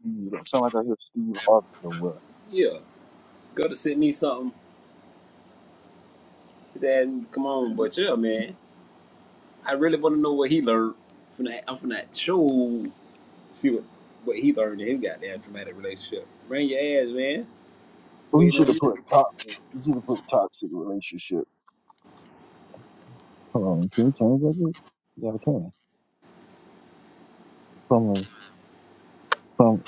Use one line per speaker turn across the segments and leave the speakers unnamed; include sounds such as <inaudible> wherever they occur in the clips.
Steve. Or sound like I hear Steve Harvey somewhere.
Yeah, go to send me something. Then come on, but yeah, man, I really want to know what he learned from that. I'm from that show. See what what he learned in his goddamn traumatic relationship. Bring your ass, man.
We
Waiting
should
on
have put
you.
toxic. We should have put toxic relationship. Hold on, can we change that? Bit? Yeah, I can. From from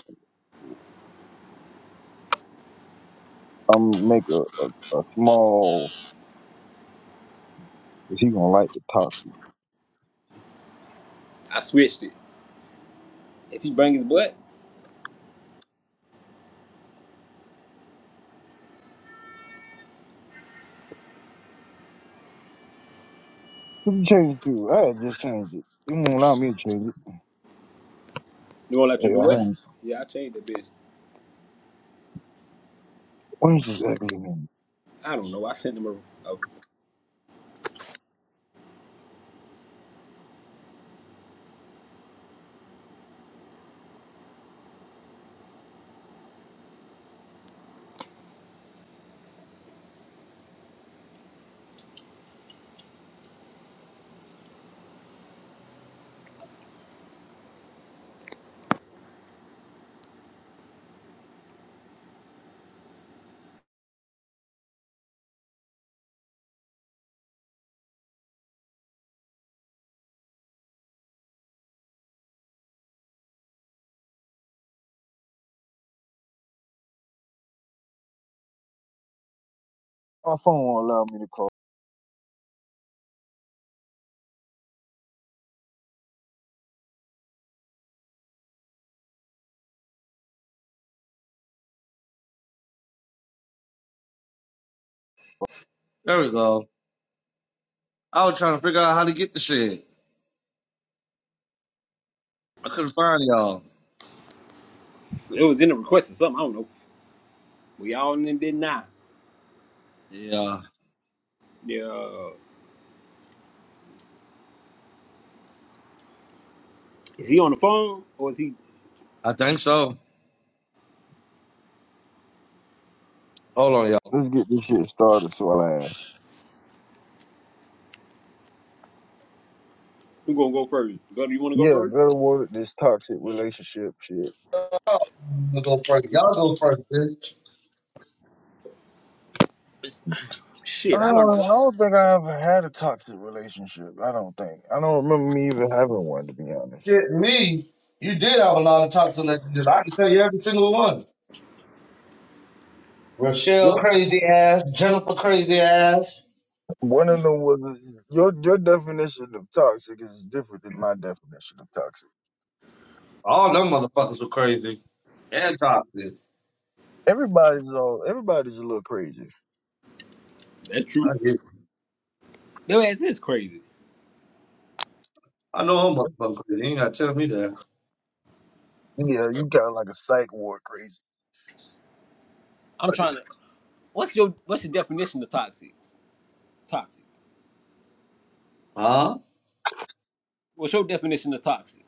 um, make a a, a small. Is he gonna like the toxic?
I switched it. If he bring his butt,
We can change it too. I had just changed it. It won't allow me to change it.
you won't let you
Yeah, I
do it.
won't.
Yeah, I changed the bitch.
When's this ugly man?
I don't know. I sent him a, a
My phone won't allow me to call.
There we go. I was trying to figure out how to get the shit. I couldn't find y'all.
it was in the request or something. I don't know. We all in did now.
Yeah,
Yeah, is he on the phone or is he?
I think so. Hold on, y'all.
Let's get this shit started so I laugh.
Who gonna go first? Gunner, you want to go
Yeah,
first?
better word this toxic relationship shit.
Y'all go first. Y'all go first, bitch.
I
Shit, I learned a
don't, I
lot.
don't think I ever had a toxic relationship. I don't think. I don't remember me even having one, to be honest.
Shit, me. You did have a lot of toxic relationships. I can tell you every single one. Rochelle,
Your
crazy ass. Jennifer, crazy ass.
one of them was your your definition of toxic is different than my definition of toxic.
All them motherfuckers were crazy and toxic.
Everybody's all everybody's a little crazy.
That's
I,
true.
hear- you.
Your ass is crazy.
I know them motherfuckers crazy. You ain't gotta tell me that.
Yeah, you got like a psych ward crazy,
I'm
like
trying to.
a
What's your What's your definition of toxic? Toxic.
Huh?
What's your definition of toxic?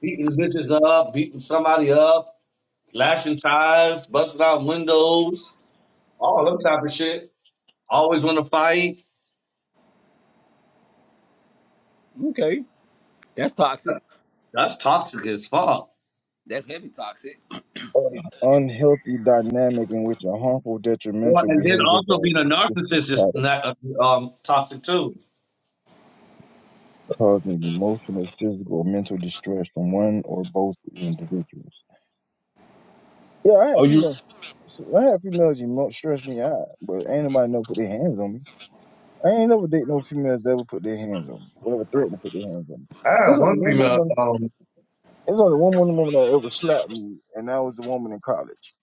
Beating bitches up, beating somebody up, lashing tires, busting out windows. all that type of shit. Always want to fight.
Okay, that's toxic.
That's toxic as fuck.
That's heavy toxic.
un- unhealthy dynamic in which a harmful,
Well,
detrimental
and then
behaviors
also
are a
being a
consistent
narcissist is
pattern,
not, um toxic too.
causing emotional, physical, or mental distress from one or both individuals. Yeah, I
Oh,
had
you?
females. I had females you mo- stress me out, but ain't nobody never put their hands on me. I ain't never date no females that ever put their hands on me or ever threatened to put their hands on me.
I
It's
had
only
one
one
female,
woman.
um,
It's only one woman, woman that ever slapped me, and that was the woman in college.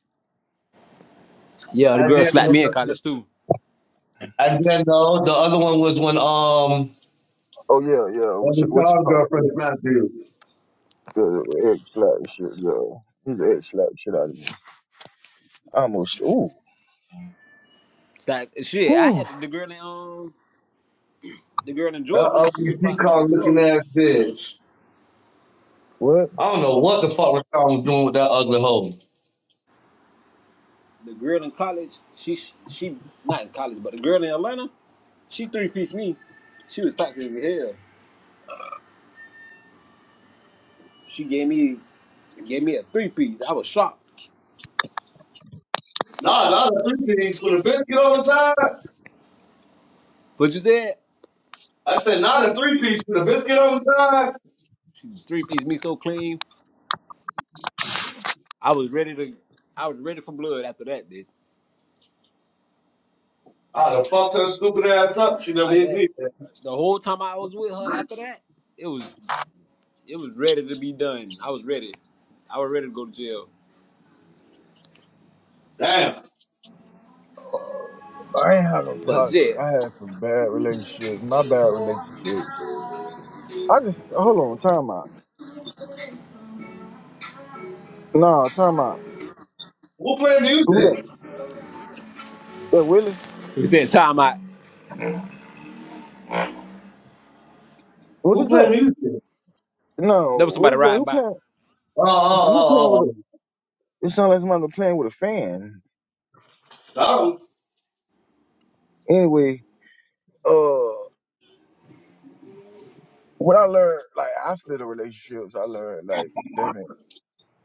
Yeah, the
and
girl
then
slapped me in
the-
college too.
and then no, the other one was when um
Oh yeah, yeah. What
when
you,
the
what
star
you call it?
girlfriend
Egg,
smacked you.
yeah, egg slap and shit. Yeah, his egg slapped the shit out of me. I almost. Ooh,
Slap shit. I
whew.
had the girl in um the girl in
That
Georgia. She
ugly
was toxic as
peacock
fuck.
looking ass bitch.
What?
I don't know what the fuck Rashawn was doing with that ugly hoe.
The girl in college. She she not in college, but the girl in Atlanta. She three piece me. She was toxic as hell. She gave me gave me a three piece. I was shocked.
Nah, not a three piece with a biscuit on the side.
But you said
I said not a three piece with a biscuit on the side.
she three piece me so clean. I was ready to, I was ready for blood after that, bitch.
Ah, the fucked her stupid ass up. She never
Like
hit
that,
me.
the whole time I was with her after that, it was, it was ready to be done. I was ready. I was ready to go to jail.
Damn.
I ain't had no
But
toxic.
shit,
I had some bad relationships. My bad relationships. I just hold on, time out. No, I'm talking about
Who play
who that?
music?
That Willie?
you said time I,
What
Who
is
play
that?
music?
No,
there was
what
somebody
is that?
riding
Who
by.
playing?
Oh,
Who playing with
oh, oh,
a?
oh. oh.
It sounds like somebody playing with a fan.
Sorry.
Anyway, uh, what I learned, like after the relationships, I learned like, damn it,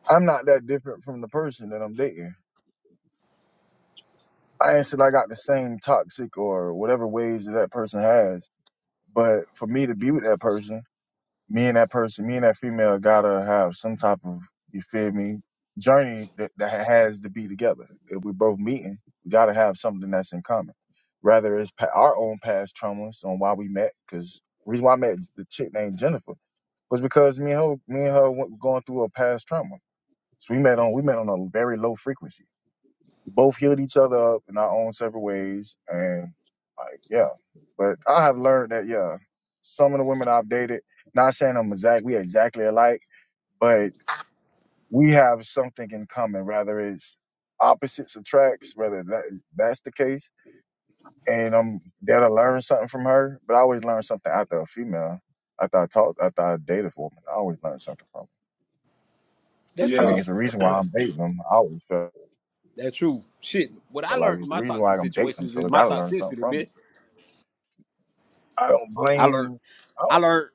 I'm not that different from the person that I'm dating. I ain't said I got the same toxic or whatever ways that that person has, but for me to be with that person. me and that person, me and that female gotta have some type of, you feel me, journey that, that has to be together. If we're both meeting, we gotta have something that's in common. Rather, it's pa- our own past traumas on why we met, because reason why I met the chick named Jennifer was because me and her, me and her went, going through a past trauma. So we met on, we met on a very low frequency both healed each other up in our own separate ways. And like, yeah. But I have learned that, yeah, some of the women I've dated, not saying I'm exact, we exactly alike, but we have something in common, rather it's opposites attracts, whether that that's the case. And I'm there to learn something from her, but I always learn something after a female. After I talked, after I dated for a woman, I always learn something from her.
That's
I
Yeah.
true.
mean, it's the
<clears throat>
reason why I'm dating them. I always felt
That's true. Shit, what I
like
learned in
it's the
my
reason
toxic
why I'm dating them,
situations
so
is
I
my
got to learn something
toxicity,
from 'em.
bitch.
I don't
I learned,
blame. I
I
don't,
learned,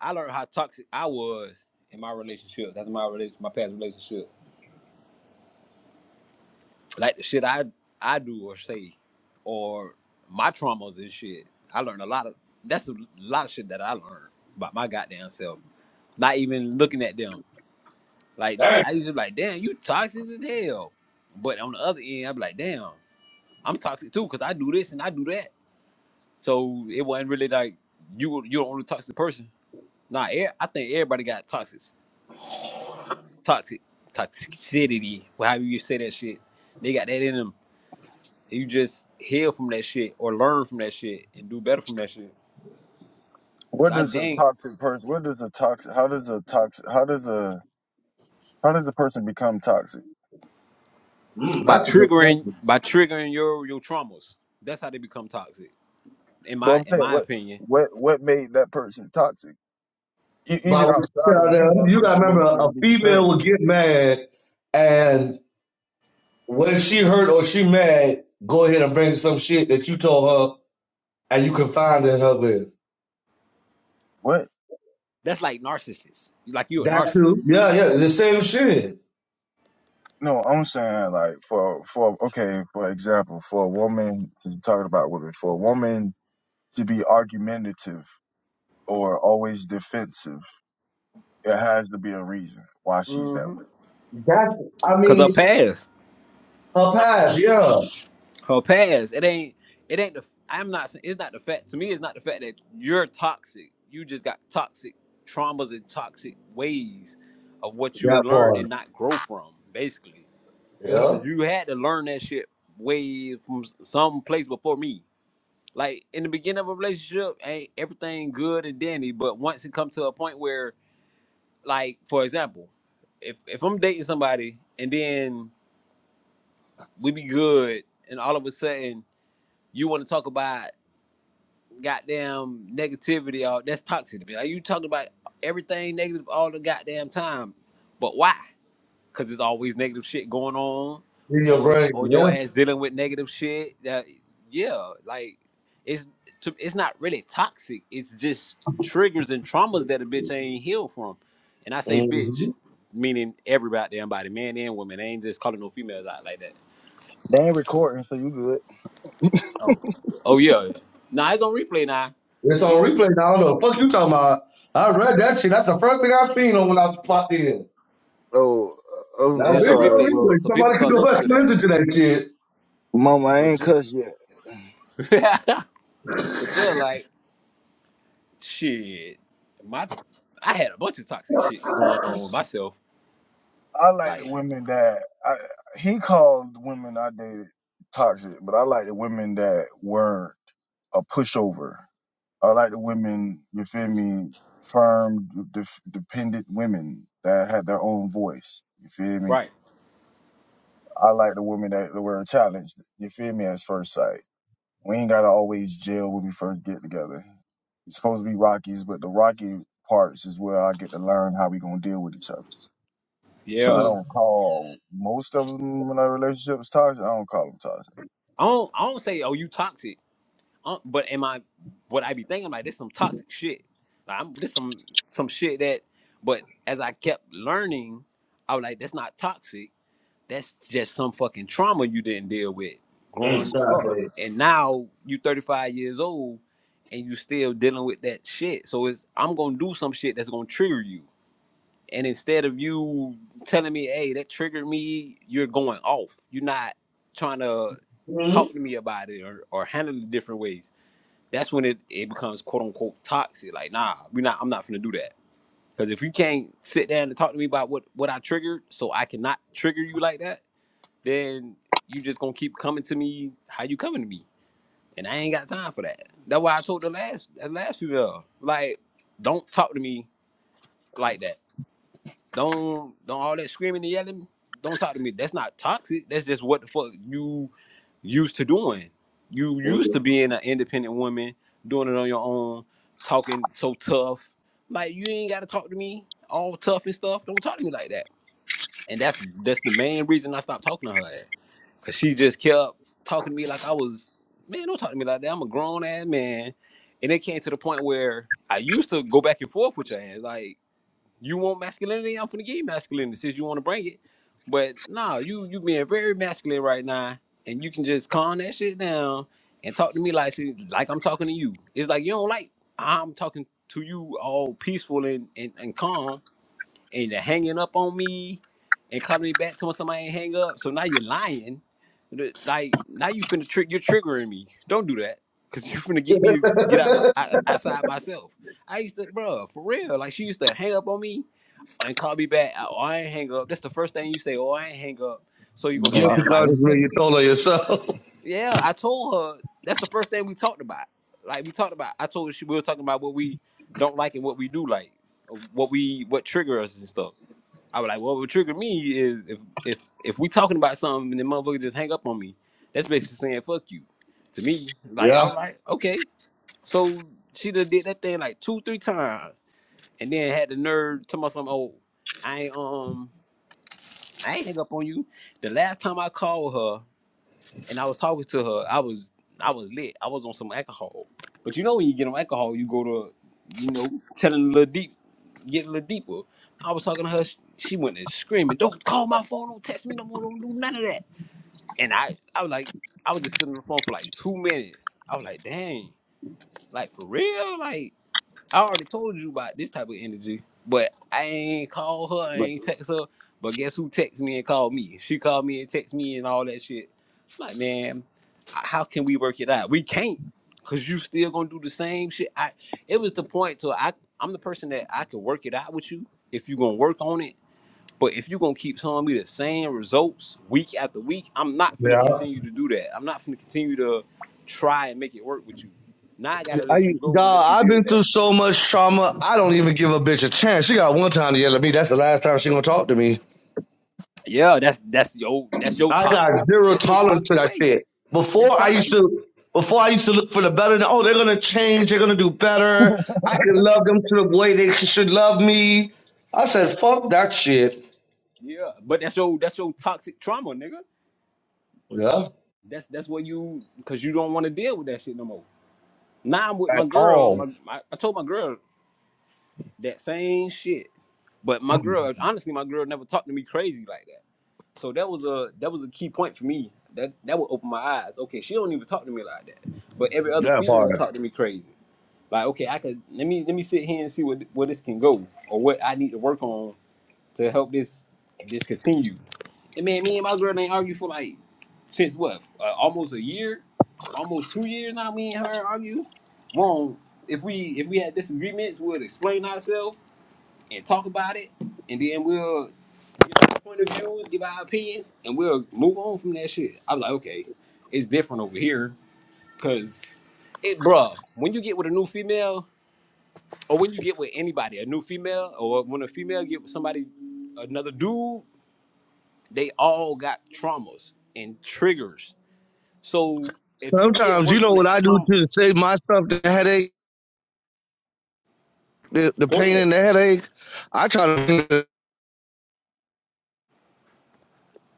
I learned how toxic I was in my relationship. That's my relationship, my past relationship. like the shit I I do or say, or my traumas and shit. I learned a lot of that's a lot of shit that I learned about my goddamn self. Not even looking at them. Like
Damn.
I used to be like, damn, you toxic as hell. But on the other end, I'm like, damn, I'm toxic too because I do this and I do that. So it wasn't really like you were- you're the only toxic person. Nah, e- I think everybody got toxic, toxic, toxicity. However you say that shit, they got that in them you just heal from that shit or learn from that shit and do better from that shit. 'Cause
what
I
does a
dang
toxic person? What does a toxic? How does a toxic? How does a how does a person become toxic?
Mm,
by
that's a good
triggering
question.
by triggering your your traumas, that's how they become toxic. In
No,
my
I'm
in
saying
my
what
opinion,
what what made that person toxic? E-
By
even
what you
outside of
tell
you,
them,
that
you gotta
person may
remember
still
a
be the
female will
same.
get mad, and when she hurt or she mad, go ahead and bring some shit that you told her, and you confided in her with.
What?
that's like narcissists. Like you a
That
narcissist.
too. Yeah, yeah, the same shit.
No, I'm saying like for for okay, for example, for a woman, 'cause we're talking about women, for a woman to be argumentative or always defensive, it has to be a reason why she's that
Mm-hmm.
way.
That's, I
Cause her
mean,
past,
her past. Yeah,
her past, it ain't it ain't the I'm not saying it's not the fact to me. It's not the fact that you're toxic. You just got toxic traumas and toxic ways of what you
that
learn and
part.
not grow from, basically.
Mm,
Yeah,
Cause you had to learn that shit way from some place before me. Like in the beginning of a relationship, ain't everything good and dandy. But once it comes to a point where, like for example, if if I'm dating somebody and then we be good, and all of a sudden you want to talk about goddamn negativity, or that's toxic to me. Like you talking about everything negative all the goddamn time, but why? because it's always negative shit going on,
in your
or
brain.
or
Yeah.
your ass dealing with negative shit. That yeah, like it's to, it's not really toxic. It's just triggers and traumas that a bitch ain't healed from. And I say bitch,
hmm
meaning everybody, damn body, man and woman. I ain't just calling no females out like that.
They ain't recording, so you good.
Oh yeah, nah, it's on replay now.
It's on
It's,
replay now. I don't know the fuck you talking about. I read that shit. That's the first thing i seen on when I popped in.
Oh, oh,
Now,
I'm
it's
there's
on
no
sorry.
replay,
Well,
replay.
so
Somebody
people
can
can
go
listen
back
to
and
that.
listen to that shit.
Mama, I
But
ain't
you,
cussed yet.
<laughs> but yeah, like shit, my I had a bunch of toxic shit going on with myself
I like the
Like,
women that I, he called the women I dated toxic, but I like the women that weren't a pushover. I like the women, you feel me, firm, de- dependent women that had their own voice. You feel me?
Right.
I like the women that were challenged. You feel me? At first sight. We ain't gotta always gel when we first get together. It's supposed to be Rockies, but the Rocky parts is where I get to learn how we gonna deal with each other. So I
Yeah.
don't call most of them in our relationships toxic. I don't call them toxic.
I don't I don't say, oh, you toxic. Um, but am I what I be thinking like this some toxic shit. Like I'm this some some shit that but as I kept learning, I was like, that's not toxic. That's just some fucking trauma you didn't deal with
Hey,
growing
sorry for you.
and now you 35 years old and you still dealing with that shit. So it's I'm gonna do some shit that's gonna trigger you. And instead of you telling me, hey, that triggered me, you're going off. You're not trying to talk to me about it or, or handle it different ways. That's when it, it becomes quote unquote toxic. Like, nah, we're not I'm not gonna do that. Because if you can't sit down and talk to me about what, what I triggered, so I cannot trigger you like that, then you just gonna keep coming to me how you coming to me. And I ain't got time for that. That's why I told the last the last female, like, don't talk to me like that don't don't all that screaming and yelling. Don't talk to me. That's not toxic. That's just what the fuck you used to doing. You used to
Mm-hmm.
being an independent woman, doing it on your own, talking so tough. Like you ain't gotta talk to me all tough and stuff. Don't talk to me like that. And that's that's the main reason I stopped talking to her. ass. Cause she just kept talking to me like I was man, don't talk to me like that. I'm a grown ass man. And it came to the point where I used to go back and forth with your ass. Like you want masculinity? I'm finna give you masculinity since you want to bring it. But nah, you you being very masculine right now, and you can just calm that shit down and talk to me like like I'm talking to you. It's like you don't like I'm talking to you all peaceful and and, and calm and you're hanging up on me and calling me back telling somebody ain't hang up. So now you're lying. Like now you finna trick you're triggering me. Don't do that. Cause <laughs> you finna get me to get out my, out- outside myself. I used to, bro, for real. Like she used to hang up on me and call me back. Oh, I ain't hang up. That's the first thing you say. Oh, I ain't hang up. So you gonna
Oh,
sit
I
there
Guilty
and lie?
conscience
forgot
when you
it.
told her yourself. <laughs>
Yeah, I told her. That's the first thing we talked about. Like we talked about. I told her she, we were talking about what we don't like and what we do like, what we what trigger us and stuff. I was like, "Well, what triggered me is if if if we talking about something and the motherfucker just hang up on me, that's basically saying fuck you. To me, like,
yeah.
all right, okay. So she done did that thing like two, three times, and then had the nerve to tell me something. Oh, I ain't um, I ain't hang up on you. The last time I called her and I was talking to her. I was I was lit. I was on some alcohol. But you know when you get on alcohol, you go to you know telling a little deep, get a little deeper. I was talking to her. She she went and screaming, "Don't call my phone. Don't text me no more. Don't do none of that." And I I was like, I was just sitting on the phone for like two minutes. I was like, dang, like for real, like. I already told you about this type of energy, but I ain't call her, I
But
ain't text her. But guess who text me and called me? She called me and text me and all that shit. I'm Like, man, how can we work it out? We can't, cause you still gonna do the same shit. I it was the point to I I'm the person that I can work it out with you if you gonna work on it. But if you gonna keep telling me the same results week after week, I'm not gonna
Yeah.
continue to do that. I'm not gonna continue to try and make it work with you. Now I gotta let you
I,
go and let
dog,
you
I've
deal with
been
that.
through so much trauma. I don't even give a bitch a chance. She got one time to yell at me. That's the last time she gonna talk to me.
Yeah, that's that's your that's your
I got
toxic
zero
that's your
tolerance to
toxic
that
way.
shit.
You
Before I used
toxic.
to, before I used to look for the better. Oh, they're gonna change. They're gonna do better. I can love them to the way they should love me. I said, fuck that shit.
Yeah, but that's your that's your toxic trauma, nigga.
Yeah.
That's that's what you because you don't want to deal with that shit no more. Now I'm with
At
my girl.
all.
My, my I told my girl that same shit, but my
damn,
girl honestly, my girl never talked to me crazy like that. So that was a that was a key point for me. That that would open my eyes. Okay, she don't even talk to me like that. But every other
That part.
female talk to me crazy. Like okay, I could let me let me sit here and see what where this can go or what I need to work on to help this this continue. And man, me and my girl ain't argue for like since what? Uh, almost a year, almost two years now. Me and her argue. Wrong. If we if we had disagreements, we'll explain ourselves and talk about it, and then we'll give our point of view, give our opinions, and we'll move on from that shit. I was like, okay, it's different over here, cause it, bruh. When you get with a new female, or when you get with anybody, a new female, or when a female get with somebody, another dude They all got traumas and triggers. So if you didn't
Sometimes
work
you
on
know what
that
I do
trauma,
to save myself the headache, the, the
go
pain
ahead.
and the headache. I try to.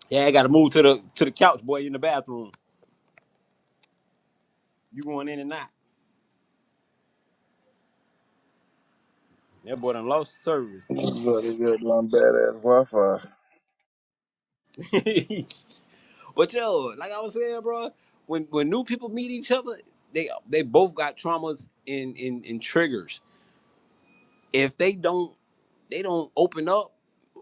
Yeah, I gotta move to the to the couch, boy, in the bathroom. You going in and out. That boy done lost service.
But it's just one badass Wi-Fi.
<laughs> but yo, like I was saying, bro, when when new people meet each other, they they both got traumas and and, and triggers. If they don't they don't open up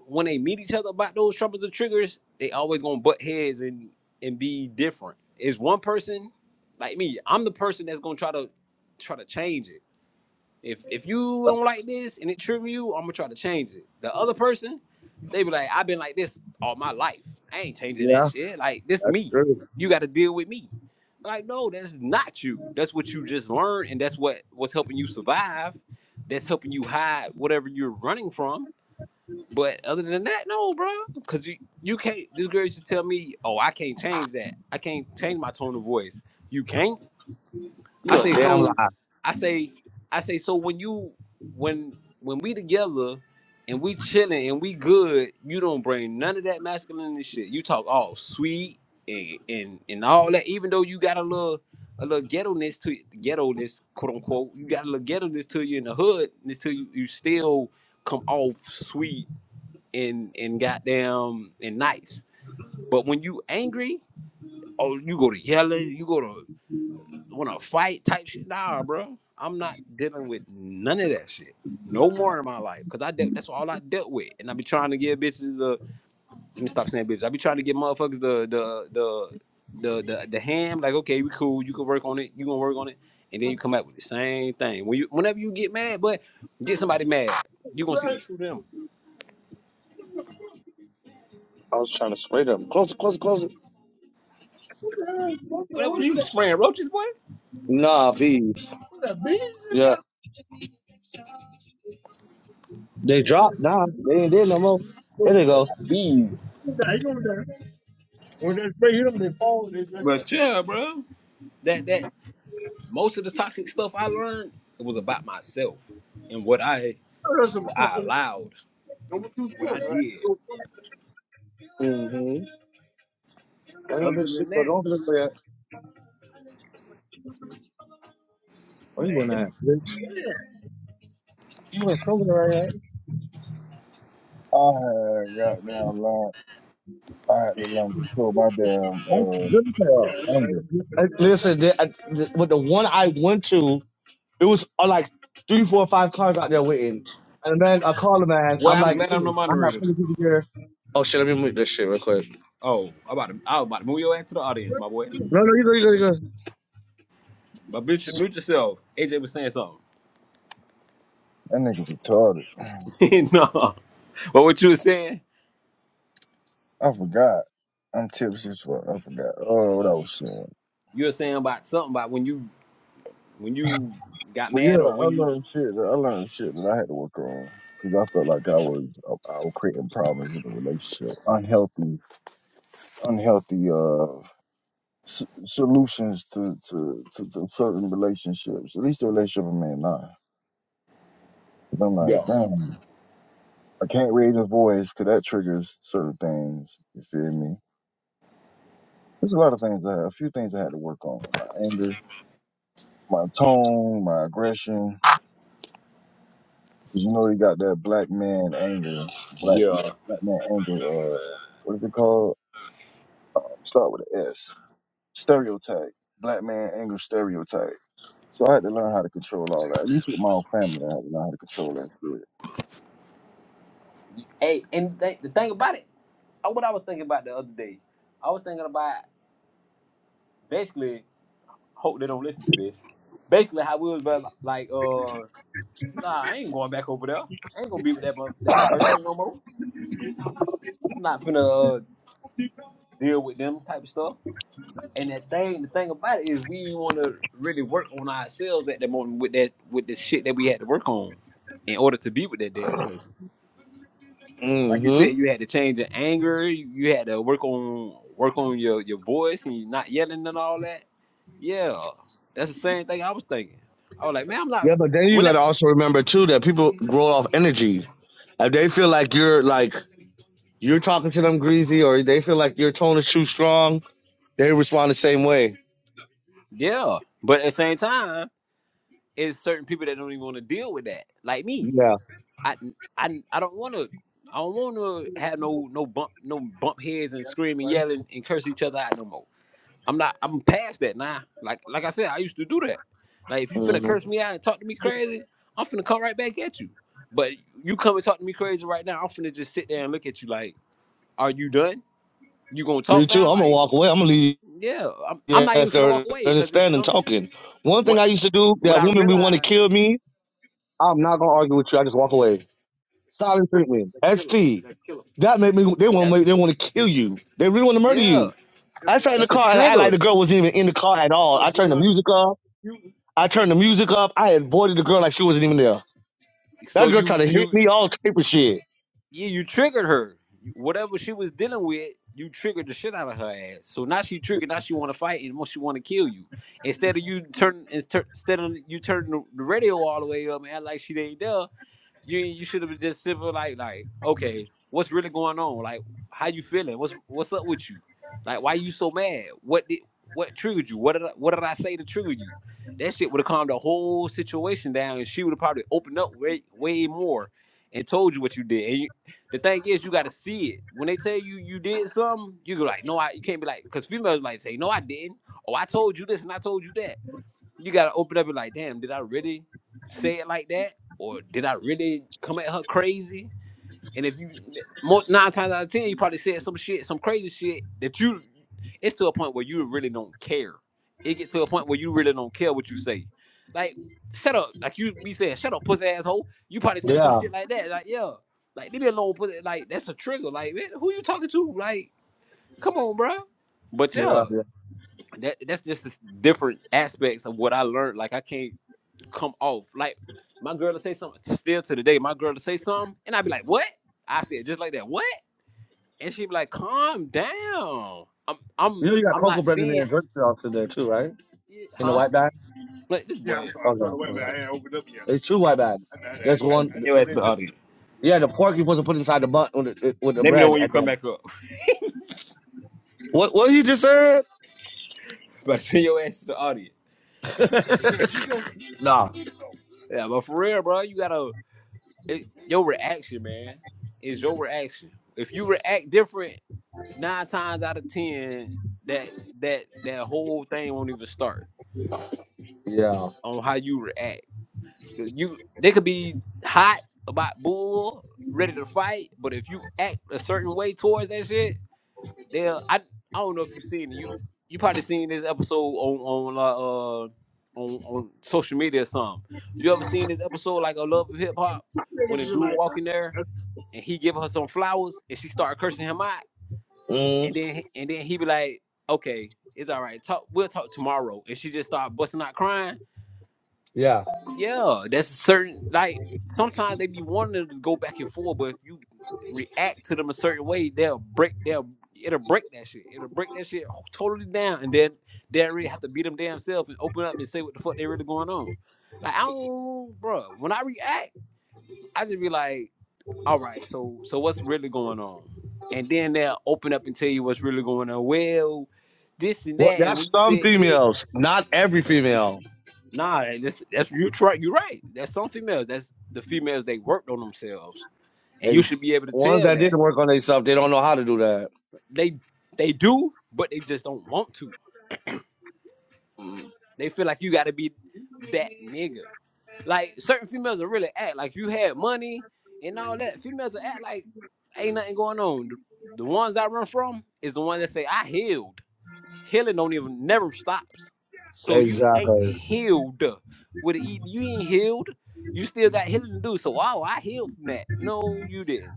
when they meet each other about those troubles and triggers. They always gonna butt heads and and be different. It's one person like me. I'm the person that's gonna try to try to change it. If if you don't like this and it trigger you, I'm gonna try to change it. The other person, they be like, I've been like this all my life. I ain't changing that
Yeah,
shit. Like this
that's
me.
true.
You got to deal with me. Like no, that's not you. That's what you just learned, and that's what what's helping you survive. That's helping you hide whatever you're running from but other than that, no, bro. Cause you you can't. This girl used to tell me, "Oh, I can't change that. I can't change my tone of voice." You can't. I
You a
say
damn lie.
so.
I
I say I say so. When you when when we together and we chilling and we good, you don't bring none of that masculinity shit. You talk all sweet and and and all that. Even though you got a little. A little ghetto-ness to ghetto-ness, quote unquote. You got a little ghetto-ness to you in the hood, ness to you. You still come off sweet and and goddamn and nice. But when you angry, oh, you go to yelling, you go to want to fight type shit. Nah, bro, I'm not dealing with none of that shit. No more in my life, cause I dealt. That's all I dealt with, and I be trying to give bitches the. Let me stop saying bitches. I be trying to give motherfuckers the the the the the, the ham. Like, okay, we cool. You can work on it. You gonna work on it, and then you come back with the same thing. When you whenever you get mad, but get somebody mad, you gonna see the true them.
was trying to spray them. Close it, close it, close it.
Whatever you spraying roaches, boy.
Nah, V. Yeah. They dropped now. They ain't did no more. There they
Bro
go.
got bees. But yeah, bro, that that most of the toxic stuff I learned it was about myself and what I what I allowed, what I did.
Mm-hmm. Why that
Other
bitch shit
than
go
that,
on for this way? Where you
man,
going at?
it's-
Bitch,
I had goddamn learn. I had to learn to control my damn
That's good
uh
as hell.
anger.
Uh, Listen, they, I, th- with the one I went to, it was uh, like three, four, five cars out there waiting. And then I called the man. I'm
well, I'm
like,
glad I'm the
"Dude, I got
moderator.
plenty of people here. Oh shit, let me mute this shit real quick.
Oh, I'm about to, I was about to move your ass to the audience, my boy.
No, no, you go, you go, you go.
But mute, your- mute yourself. AJ was saying something.
That nigga retarded.
<laughs> no, but what you were saying,
I forgot. I'm tipsy as fuck. I forgot. Oh, what I was saying.
you were saying about something about when you when you got
But yeah,
mad or
I
when you
learned shit. That I learned shit that I had to work on because I felt like I was I was creating problems in the relationship, unhealthy, unhealthy uh s- solutions to, to to to certain relationships. At least the relationship I'm in now. 'Cause I'm like,
Yeah.
damn, I can't raise a voice because that triggers certain things. You feel me? There's a lot of things. I had, a few things I had to work on. My anger, my tone, my aggression. Cause you know he got that black man anger, black yeah, black man anger. Uh, what is it called? Um, start with an S. Stereotype. Black man anger stereotype. So I had to learn how to control all that. At least with my own family, I had to learn how to control that shit.
Hey, and th- the thing about it, uh, what I was thinking about the other day, I was thinking about. basically hope they don't listen to this. Basically, how we was about, like, uh, nah, I ain't going back over there. I ain't gonna be with that mo- that person no more. I'm not gonna uh, deal with them type of stuff. And that thing, the thing about it is, we want to really work on ourselves at the moment with that with the shit that we had to work on in order to be with that damn person. Like you
Mm-hmm.
said, you had to change your anger. You, you had to work on work on your your voice and you not yelling and all that. Yeah, that's the same thing I was thinking. I was like, man, I'm not.
Yeah, but then you
When
gotta also remember too that people grow off energy. If they feel like you're like You're talking to them greasy, or they feel like your tone is too strong. They respond the same way.
Yeah, but at the same time, it's certain people that don't even want to deal with that, like me.
Yeah.
I I, I don't want to. I don't want to have no no bump no bump heads and scream and yell and, and curse each other out no more. I'm not. I'm past that now. Like like I said, I used to do that. Like if you finna
hmm
curse me out and talk to me crazy, I'm finna come right back at you. But you come and talk to me crazy right now, I'm finna just sit there and look at you like, are you done? You gonna
Me
talk now?
too. I'm gonna
Like
walk away. I'm gonna leave.
yeah, I'm I'm not even
Yes,
finna walk
they're,
away
they're
because
just
it's
standing
some sh-
talking. One thing
what
I used to do,
what
that
I
woman we want
realize.
to kill me, I'm not gonna argue with you. I just walk away. Silent treatment. S T. That made me. They
That
want. They want to kill you. They really want to murder
yeah,
you. I sat in the
that's a
car and I like the
trigger.
girl wasn't even in the car at all. I turned the music up. I turned the music up. I avoided the girl like she wasn't even there.
So
That girl tried
you
to hit
you
me all type of shit.
yeah you triggered her. You- Whatever she was dealing with, you triggered the shit out of her ass. So now she triggered. Now she want to fight and she want to kill you. Instead of you turn instead of you turning the the radio all the way up and act like she ain't there. you you should have been just simple like like okay, what's really going on? Like how you feeling? What's what's up with you? Like why you so mad? What did what triggered you? What did I, what did I say to trigger you? That shit would have calmed the whole situation down, and she would have probably opened up way way more and told you what you did. And you, the thing is, you got to see it. When they tell you you did something, you go like, no, I. You can't be like, because females like say, no, I didn't. Oh, I told you this and I told you that you gotta open up and like, damn, did I really say it like that, or did I really come at her crazy? And if you mo nine times out of ten, you probably said some shit, some crazy shit that you. It's to a point where you really don't care. It gets to a point where you really don't care what you say. Like, shut up. Like you be saying, shut up, pussy asshole. You probably said some
Yeah.
shit like that. Like, yeah. Like, leave me alone, pussy. Like, that's a trigger. Like, man, who you talking to? Like, come on, bro. But
Yeah,
yeah,
yeah.
that that's just the different aspects of what I learned. Like, I can't come off. Like my girl to say something still to the day, my girl to say something, and I'd be like, What? I said just like that, what? And she'd be like, Calm down. I'm
You
I'm
know you got
I'm
cocoa
not
bread in there
seeing
and drink sauce in there too, right?
it,
In the
huh?
white bag?
Like this boy.
Okay, okay. It's two white bags. That's
I'm gonna
one.
send your ass to the audience.
Yeah, the pork you're supposed to put inside the bun with the, with the
Let me know
bread,
when you
and
come
then
back up. <laughs>
what? What you just said?
But send your ass to the audience.
<laughs> nah.
Yeah, but for real, bro, you gotta it, your reaction, man, is your reaction. If you react different nine times out of ten, that that that whole thing won't even start
Yeah.
on how you react. 'Cause You they could be hot about bull, ready to fight, but if you act a certain way towards that shit, they'll I I don't know if you've seen it. You you probably seen this episode on on uh, uh on on social media or something. You ever seen this episode like a Love of Hip Hop when a dude walk in there and he give her some flowers and she start cursing him out and
Mm,
then and then he be like, okay, it's all right, talk we'll talk tomorrow and she just start busting out crying
yeah.
yeah, that's a certain like sometimes they be wanting to go back and forth, but if you react to them a certain way, they'll break they'll it'll break that shit. It'll break that shit totally down and then they really have to be them damn self and open up and say what the fuck they really going on. Like I don't bro, when I react, I just be like, all right, so so what's really going on? And then they'll open up and tell you what's really going on. Well, this and
Well,
that and
that's
when you
some
said this
females, not every female.
Nah, that's that's you try you're right. That's some females. That's the females they worked on themselves. And you
They,
should be able to
ones
tell
that
that.
didn't work on themselves, they don't know how to do that.
They they do, but they just don't want to. They feel like you gotta be that nigga. Like certain females will really act like you had money and all that. Females will act like ain't nothing going on. The, the ones I run from is the one that say I healed. healing don't even never stops. So you ain't
Exactly.
healed with it. You ain't healed. You still got healing to do. So oh, I healed from that. No, you didn't.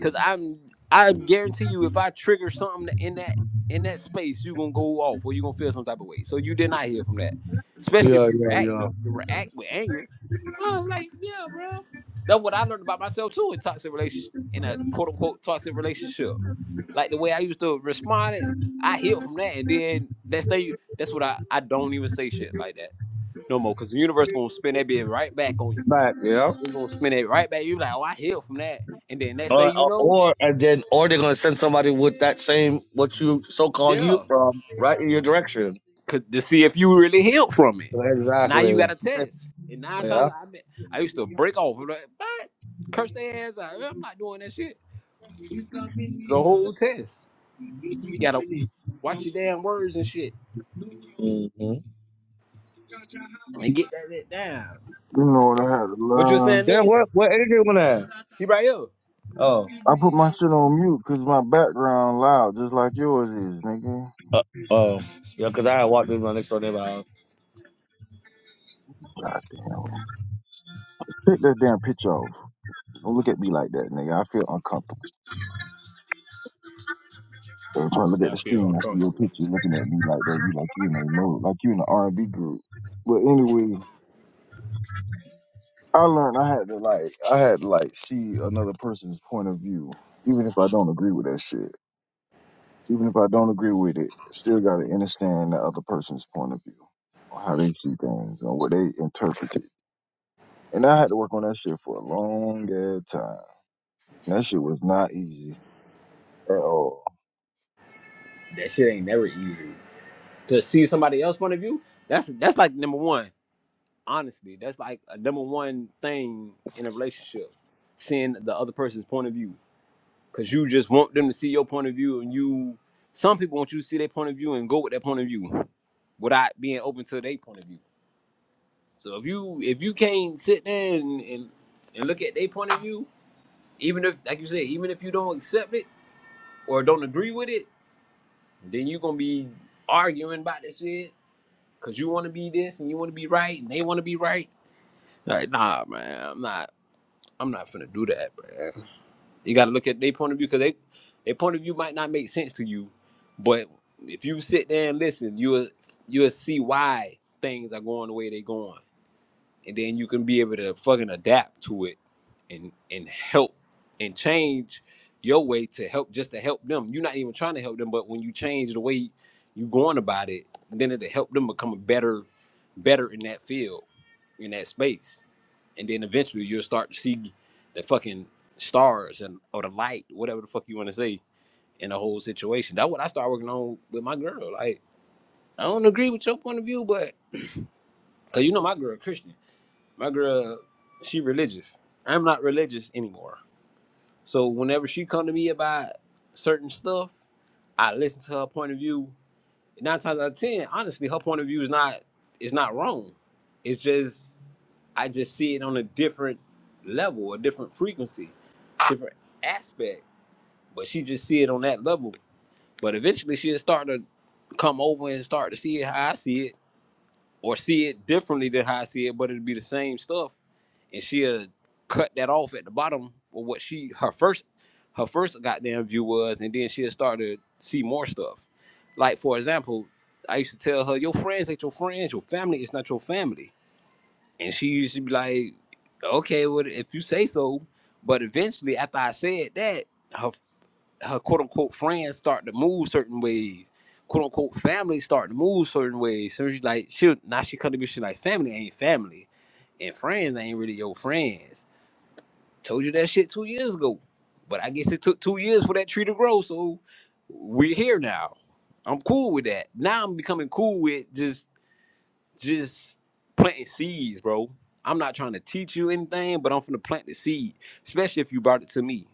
Cause I'm I guarantee you if I trigger something in that in that space, you're gonna go off or you're gonna feel some type of way. So you did not hear from that. Especially
Yeah,
if you
yeah,
react
yeah.
you react with anger. Oh, like, yeah, bro. That's what I learned about myself too in toxic relation in a quote unquote toxic relationship. Like the way I used to respond, I healed from that and then that's thing that's what I, I don't even say shit like that no more. Cause the universe gonna spin that bit right back on you.
Back. Yeah.
It's gonna spin it right back. you like, oh I healed from that. And then next thing
Or,
you
or,
know,
and then, or they're gonna send somebody with that same what you so called you
Yeah,
from right in your direction.
'cause- to see if you really healed from it. Now you got
Exactly.
a test, and nine times
Yeah.
I been, I used to break off. I'm like, what? Curse their ass out. I'm not doing that shit. It's a whole test. You gotta watch your damn words and shit,
Mm-hmm.
and get that shit down.
You know what I had to
What you were
learn?
saying,
Then
Lee?
what? What energy you want to?
He right here.
Oh,
I put my shit on mute because my background loud, just like yours is, nigga.
uh, oh, yeah. Cause I had walked in my next door neighbor. house.
Goddamn. Take that damn picture off. Don't look at me like that, nigga. I feel uncomfortable. Every time I look at
Yeah,
the screen, I see your pictures looking at me like that. You like you in a mode, like you in an R and B group. But anyway, I learned I had to like I had to like see another person's point of view, even if I don't agree with that shit. Even if I don't agree with it, still gotta understand the other person's point of view on how they see things and what they interpret it. And I had to work on that shit for a long ass time. And that shit was not easy at all.
that shit ain't never easy. To see somebody else's point of view, that's that's like number one. Honestly, that's like a number one thing in a relationship. Seeing the other person's point of view because you just want them to see your point of view and you some people want you to see their point of view and go with their point of view without being open to their point of view so if you if you can't sit there and and, and look at their point of view even if like you said even if you don't accept it or don't agree with it then you're gonna be arguing about this shit because you want to be this and you want to be right and they want to be right like nah man i'm not i'm not finna do that man. You got to look at their point of view because they their point of view might not make sense to you, but if you sit there and listen, you'll you'll see why things are going the way they're going, and then you can be able to fucking adapt to it and and help and change your way to help just to help them. You're not even trying to help them, but when you change the way you going about it, then it'll help them become a better better in that field in that space and then eventually you'll start to see the fucking stars and or the light, whatever the fuck you want to say, in the whole situation. That's what I started working on with my girl. Like, I don't agree with your point of view, but because you know my girl Christian, my girl she religious. I'm not religious anymore, so whenever she come to me about certain stuff, I listen to her point of view. Nine times out of ten, honestly, her point of view is not is not wrong. It's just I just see it on a different level, a different frequency, different aspect. But she just see it on that level. But eventually she'll start to come over and start to see it how I see it, or see it differently than how I see it, but it'll be the same stuff. And she'll cut that off at the bottom of what she her first her first goddamn view was, and then she'll start to see more stuff. Like for example, I used to tell her, Your friends ain't your friends, your family is not your family and she used to be like, okay, well, if you say so. But eventually, after I said that, her, her quote unquote friends start to move certain ways. Quote unquote family start to move certain ways. So she's like, she now she come to me, she like, family ain't family. And friends ain't really your friends. Told you that shit two years ago. But I guess it took two years for that tree to grow. So we're here now. I'm cool with that. Now I'm becoming cool with just just planting seeds, bro. I'm not trying to teach you anything, but I'm finna plant the seed, especially if you brought it to me.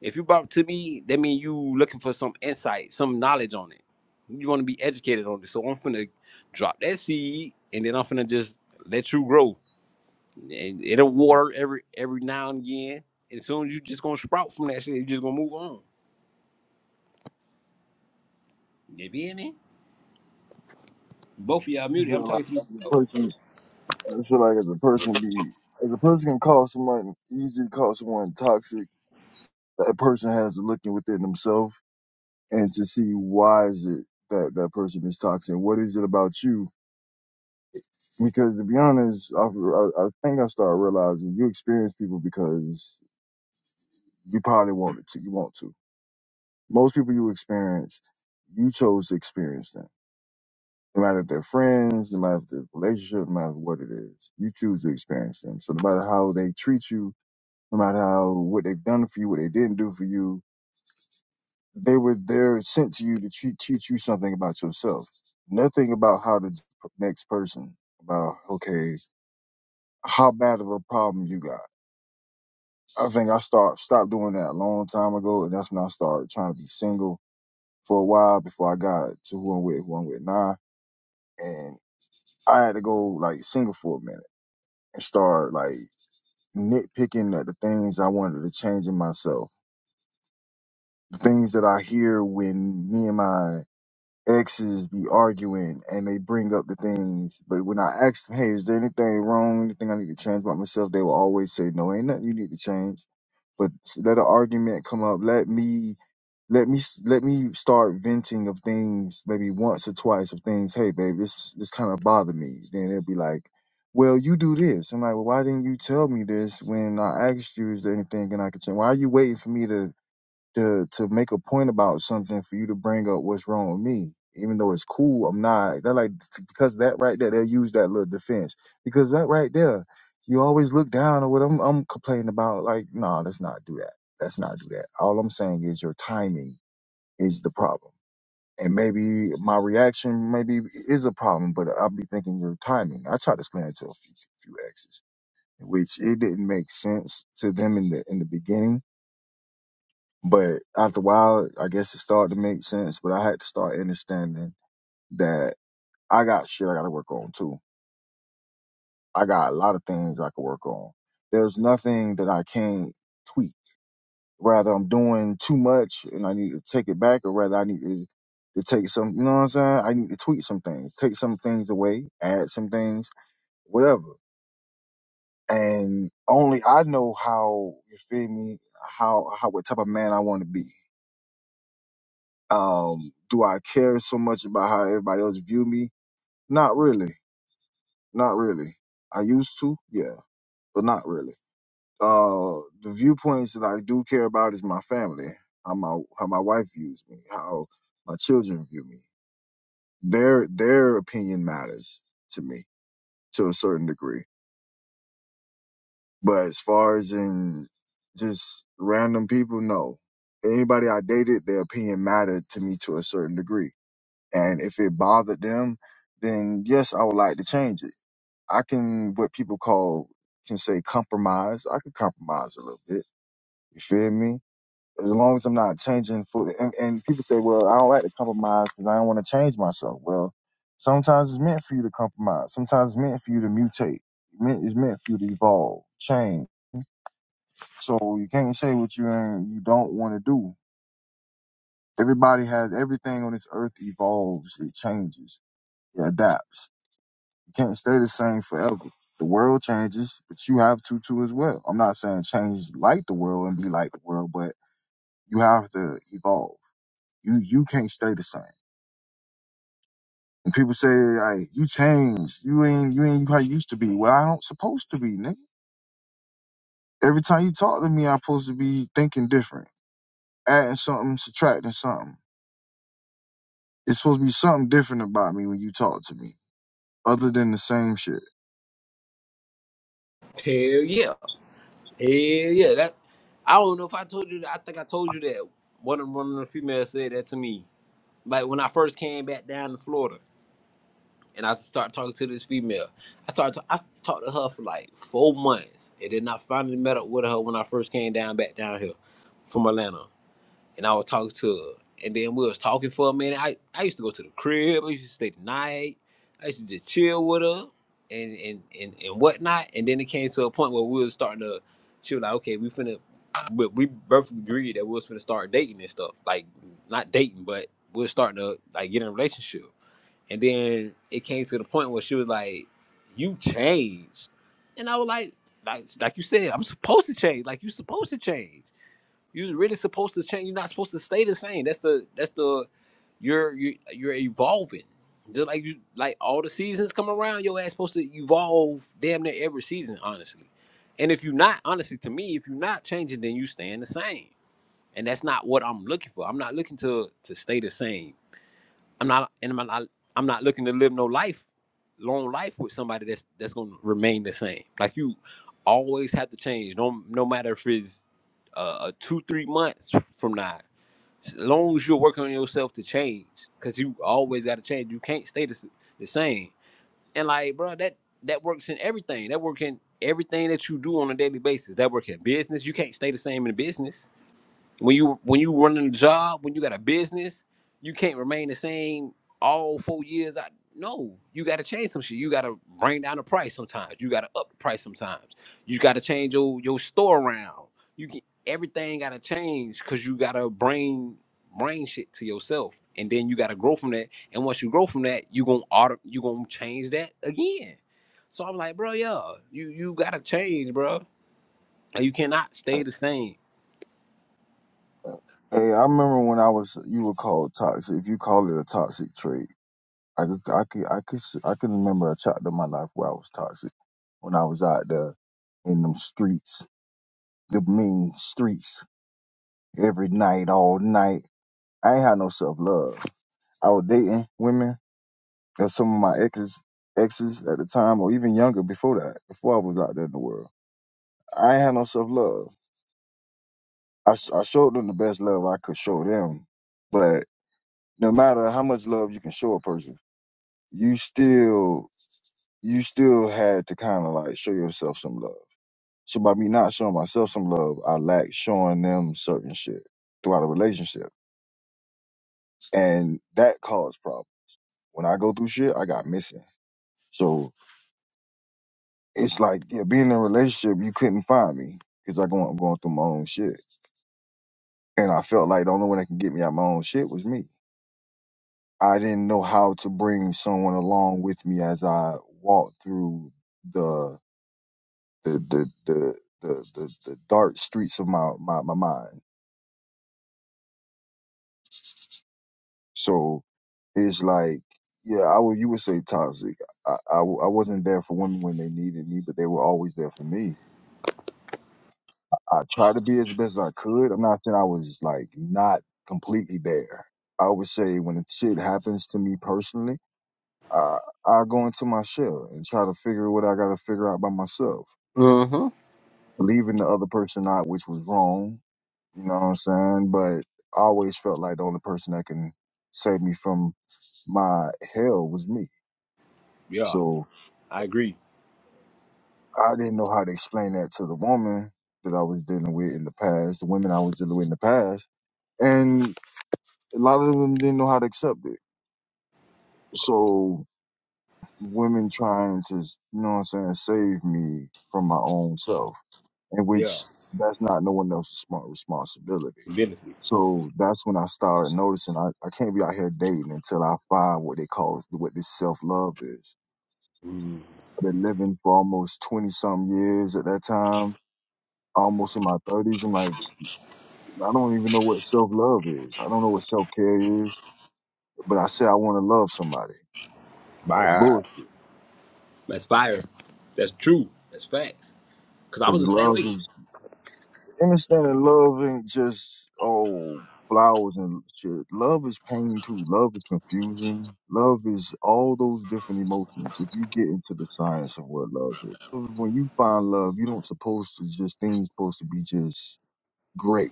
If you brought it to me, that means you looking for some insight, some knowledge on it. You want to be educated on it. So I'm finna drop that seed, and then I'm finna just let you grow. And it'll water every every now and again. And as soon as you just gonna sprout from that shit, you just gonna move on. You be in it? Both of y'all
I
muted. I'm
feel like
talking to you.
I'm the
Oh,
person I feel like if a person be if a person can call someone easy to call someone toxic, that person has to look in within themselves and to see why is it that that person is toxic. What is it about you? Because to be honest, I, I, I think I started realizing you experience people because you probably wanted to. You want to. Most people you experience, you chose to experience them. No matter if they're friends, no matter if they're relationship, no matter what it is, you choose to experience them. So no matter how they treat you, no matter how what they've done for you, what they didn't do for you, they were there sent to you to treat, teach you something about yourself. Nothing about how the next person about okay, how bad of a problem you got. I think I start stopped doing that a long time ago, and that's when I started trying to be single for a while before I got to who I'm with, who I'm with now, and I had to go like single for a minute and start like nitpicking at the things I wanted to change in myself. The things that I hear when me and my exes be arguing and they bring up the things, but when I ask them, hey, is there anything wrong? Anything I need to change about myself? They will always say, no, ain't nothing you need to change. But s- let an argument come up. Let me, let me, s- let me start venting of things maybe once or twice of things. Hey, babe, this, this kind of bother me. Then they'll be like, well, you do this. I'm like, well, why didn't you tell me this when I asked you, is there anything and I could change? Why are you waiting for me to to to make a point about something for you to bring up what's wrong with me, even though it's cool. I'm not. They're like because that right there, they'll use that little defense because that right there, you always look down on what I'm I'm complaining about. Like, no, nah, let's not do that. Let's not do that. All I'm saying is your timing is the problem. And maybe my reaction maybe is a problem, but I'll be thinking your timing. I tried to explain it to a few, few exes, which it didn't make sense to them in the in the beginning but after a while, I guess it started to make sense. But I had to start understanding that I got shit I got to work on too. I got a lot of things I could work on. There's nothing that I can't tweak. Rather, I'm doing too much and I need to take it back, or rather, I need to, to take some, you know what I'm saying? I need to tweak some things, take some things away, add some things, whatever. And only I know how, you feel me, how, how, what type of man I want to be. Um, do I care so much about how everybody else view me? Not really. Not really. I used to, yeah, but not really. Uh, the viewpoints that I do care about is my family, how my how my wife views me, how my children view me. Their their opinion matters to me to a certain degree. But as far as in just random people, no. Anybody I dated, their opinion mattered to me to a certain degree And if it bothered them, then yes, I would like to change it. I can, what people call, can say compromise. I can compromise a little bit. You feel me? As long as I'm not changing for, the- and, and people say, well, I don't like to compromise because I don't want to change myself. Well, sometimes it's meant for you to compromise. Sometimes it's meant for you to mutate. Meant- It's meant for you to evolve, change. So you can't say what you ain't, you don't want to do. Everybody has everything on this earth evolves, it changes, it adapts. can't stay the same forever. The world changes, but you have to too as well. I'm not saying change like the world and be like the world, but you have to evolve. You you can't stay the same. And people say, "Hey, you changed. You ain't you ain't how you used to be." Well, I don't supposed to be, nigga. Every time you talk to me, I'm supposed to be thinking different, adding something, subtracting something. It's supposed to be something different about me when you talk to me, other than the same shit.
hell yeah. Yeah, yeah. That I don't know if I told you that. I think I told you that one of one of the females said that to me. Like when I first came back down to Florida, and I started talking to this female. I started to, I talked to her for like four months, and then I finally met up with her when I first came down back down here from Atlanta and I was talking to her. And then we was talking for a minute. I, I used to go to the crib. I used to stay the night. I used to just chill with her and and, and, and whatnot. And then it came to a point where we was starting to. She was like, "Okay, we finna," but we both agreed that we was finna start dating and stuff. Like not dating, but we was starting to like get in a relationship. And then it came to the point where she was like, "You changed," and I was like, "Like like you said, I'm supposed to change. Like you supposed to change." You're really supposed to change. You're not supposed to stay the same. That's the that's the you're you're, you're evolving. Just like you like all the seasons come around, your ass supposed to evolve damn near every season, honestly. And if you're not, honestly, to me, if you're not changing, then you staying the same. And that's not what I'm looking for. I'm not looking to to stay the same. I'm not and I'm not I'm not looking to live no life, long life with somebody that's that's gonna remain the same. Like you always have to change. No no matter if it's uh two, three months from now. As long as you're working on yourself to change, because you always gotta change. You can't stay the, s- the same. And like, bro, that that works in everything. That work in everything that you do on a daily basis. That work in business. You can't stay the same in business when you when you running a job, when you got a business, you can't remain the same all four years. I no, you got to change some shit. You got to bring down the price sometimes. You got to up the price sometimes. You got to change your your store around. You can everything got to change because you got to bring bring shit to yourself, and then you got to grow from that. And once you grow from that, you gonna auto you gonna change that again. So I'm like, bro, yeah, you you gotta change, bro. Like, You cannot stay the same.
Hey, I remember when I was you were called toxic. You call it a toxic trait. I could, I could, I could, s- I could remember a chapter of my life where I was toxic when I was out there in them streets, the mean streets, every night, all night. I ain't had no self love. I was dating women and some of my exes, exes at the time, or even younger before that, before I was out there in the world. I ain't had no self love. I, s- I showed them the best love I could show them, but no matter how much love you can show a person, you still, you still had to kind of like show yourself some love So by me not showing myself some love, I lack showing them certain shit throughout a relationship. And that caused problems. When I go through shit, I got missing. So it's like, yeah, being in a relationship, you couldn't find me because i go I'm going through my own shit. And I felt like the only one that can get me out my own shit was me. I didn't know how to bring someone along with me as I walked through the the the the the, the, the dark streets of my, my, my mind So it's like, yeah, I would you would say toxic. I, I w- I wasn't there for women when they needed me, but they were always there for me. I tried to be as best as I could. I'm not saying I was like not completely there. I would say when it shit happens to me personally, I I go into my shell and try to figure what I got to figure out by myself,
Mm-hmm.
leaving the other person out, which was wrong. You know what I'm saying? But I always felt like the only person that can save me from my hell was me. So
I
I didn't know how to explain that to the woman that I was dealing with in the past, the women I was dealing with in the past. And a lot of them didn't know how to accept it. So women trying to, you know what I'm saying, save me from my own self, in
yeah.
which that's not no one else's smart responsibility.
divinity.
So that's when I started noticing I, I can't be out here dating until I find what they call what this self love is.
Mm.
I've been living for almost twenty something years at that time, almost in my thirties. I'm like, I don't even know what self love is. I don't know what self care is, but I say I want to love somebody.
My
That's
eye.
bullshit.
That's fire. That's true. That's facts. Cause I
Because
was the same
love
way.
is, understanding love ain't just, oh, flowers and shit. Love is pain too. Love is confusing. Love is all those different emotions. If you get into the science of what love is, when you find love, you don't supposed to just, things supposed to be just great,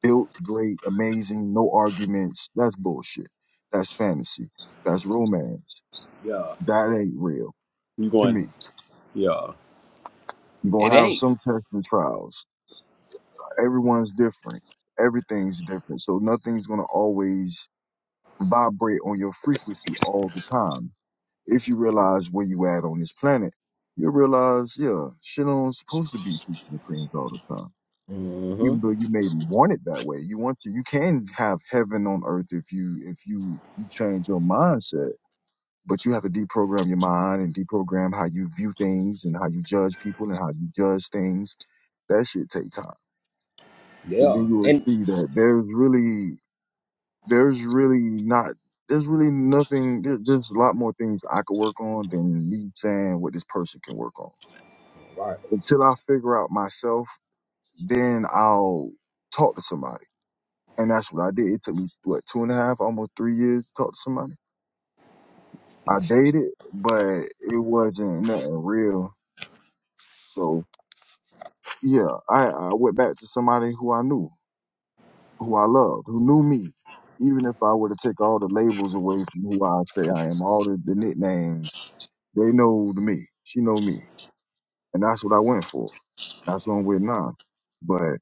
built great, amazing, no arguments. That's bullshit. That's fantasy. That's romance.
Yeah.
That ain't real
You
to
going,
me.
yeah.
You're
It
gonna have
ain't.
some tests and trials. Everyone's different. Everything's different. So nothing's gonna always vibrate on your frequency all the time. If you realize where you at on this planet, you'll realize, yeah, shit ain't supposed to be peaches and creams all the time. Even
Mm-hmm.
though you maybe want it that way, you want to. You can have heaven on earth if you if you you change your mindset but you have to deprogram your mind and deprogram how you view things and how you judge people and how you judge things. That shit take time. But
Yeah.
then you will
And
see that there's really, there's really not, there's really nothing. There, there's a lot more things I could work on than me saying what this person can work on.
Right.
Until I figure out myself, then I'll talk to somebody. And that's what I did. It took me what two and a half, almost three years to talk to somebody. I dated, but it wasn't nothing real. So yeah, I, I went back to somebody who I knew, who I loved, who knew me. Even if I were to take all the labels away from who I say I am, all the, the nicknames, they know me. She know me. And that's what I went for. That's what I'm with now. But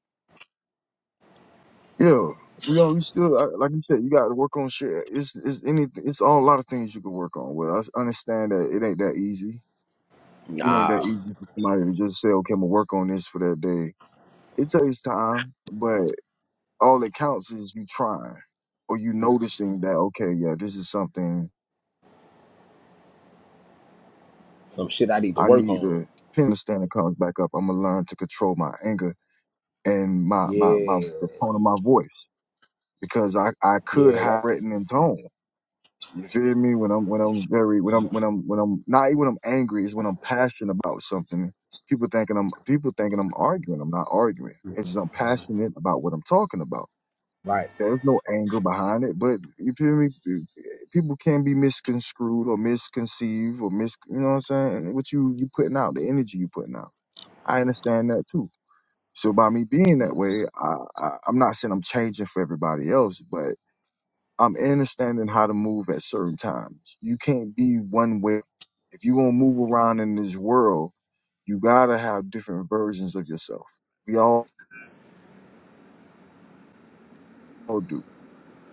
yeah, we all we still I, like you said, you got to work on shit. It's it's any it's all a lot of things you can work on. With I understand that it ain't that easy. It ain't
nah,
that easy for somebody to just say, okay, I'm gonna work on this for that day. It takes time, but. all it counts is you trying or you noticing that okay yeah this is something
Some shit I need
i need
on.
to pin the standard comes back up i'm gonna learn to control my anger and my my my
Yeah.
the tone of my voice because i i could
Yeah, that
have written in tone you feel me when i'm when i'm very when i'm when i'm when i'm not even when i'm angry is when i'm passionate about something people thinking i'm people thinking i'm arguing i'm not arguing it's just i'm passionate about what i'm talking about
right.
There's no anger behind it, but you feel me? People can be misconstrued or misconceived or mis. You know what I'm saying? What you you putting out, the energy you putting out. I understand that too. So by me being that way, I, I I'm not saying I'm changing for everybody else, but I'm understanding how to move at certain times. You can't be one way. If you gonna move around in this world, you gotta have different versions of yourself. We all, do.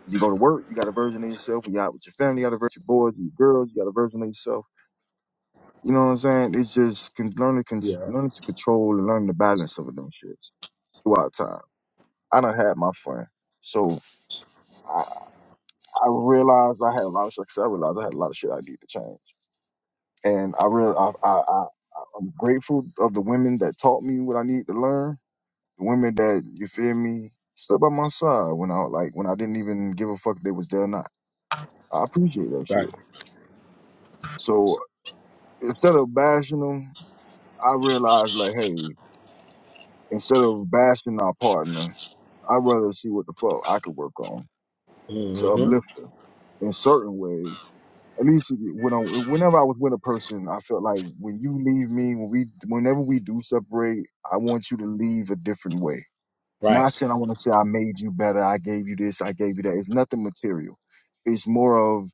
When you go to work, you got a version of yourself. When you're out with your family, you got a version of your boys, your girls, you got a version of yourself. You know what I'm saying? It's just con- learn to con-
Yeah.
learning to control and learn the balance of them shits throughout time. I done had my fun. So I, I realized I had a lot of success. I realized I had a lot of shit I need to change. And I real I, I, I, I'm grateful of the women that taught me what I need to learn. The women that, you feel me, stood by my side when I like when I didn't even give a fuck if they was there or not. I appreciate that
Right.
shit. So instead of bashing them, I realized like, hey, instead of bashing our partner, I'd rather see what the fuck I could work on to
Mm-hmm.
uplift her in certain ways. At least when I, whenever I was with a person, I felt like when you leave me, when we, whenever we do separate, I want you to leave a different way.
Right.
Not saying I want to say I made you better, I gave you this, I gave you that. It's nothing material. It's more of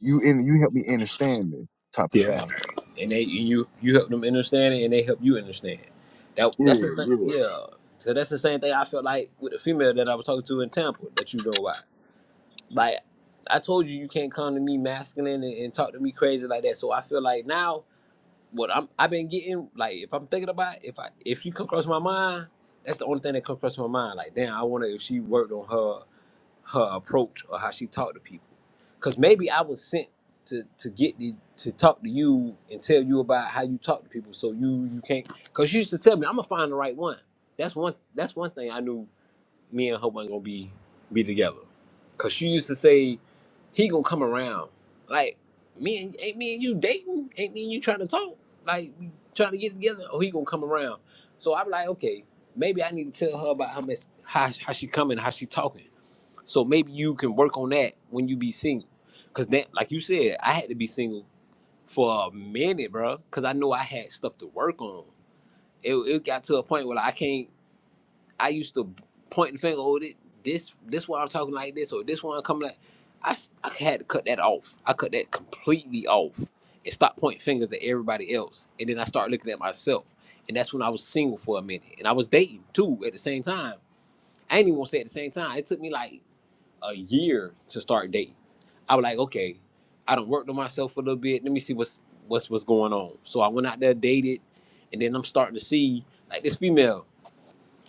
you in you help me understand this type of
Yeah.
thing.
and they and you you help them understand it, and they help you understand. That
Yeah,
that's the same.
yeah.
Yeah. So that's the same thing I felt like with the female that I was talking to in Tampa that you know why. Like I told you, you can't come to me masculine and, and talk to me crazy like that. So I feel like now what I'm I've been getting like if I'm thinking about it, if I if you come across my mind, that's the only thing that comes across my mind. Like damn, I wonder if she worked on her her approach or how she talked to people. Cause maybe I was sent to to get the to talk to you and tell you about how you talk to people. So you you can't cause you used to tell me I'm gonna find the right one. That's one that's one thing I knew me and her wasn't gonna be be together. Cause she used to say he gonna come around. Like me and ain't me and you dating? Ain't me and you trying to talk? Like we trying to get together? Oh, he gonna come around. So I'm like, okay, maybe I need to tell her about how much how how she coming, how she talking. So maybe you can work on that when you be single. Cause that, like you said, I had to be single for a minute, bro. Cause I know I had stuff to work on. It, it got to a point where I can't. I used to point the finger, oh, thi- this this why I'm talking like this, or this one I'm coming like. I, s- I had to cut that off. I cut that completely off and stop pointing fingers at everybody else. And then I started looking at myself. And that's when I was single for a minute. And I was dating too at the same time. I ain't even gonna say at the same time. It took me like a year to start dating. I was like, okay, I done worked on myself a little bit. Let me see what's what's what's going on. So I went out there, dated, and then I'm starting to see like this female.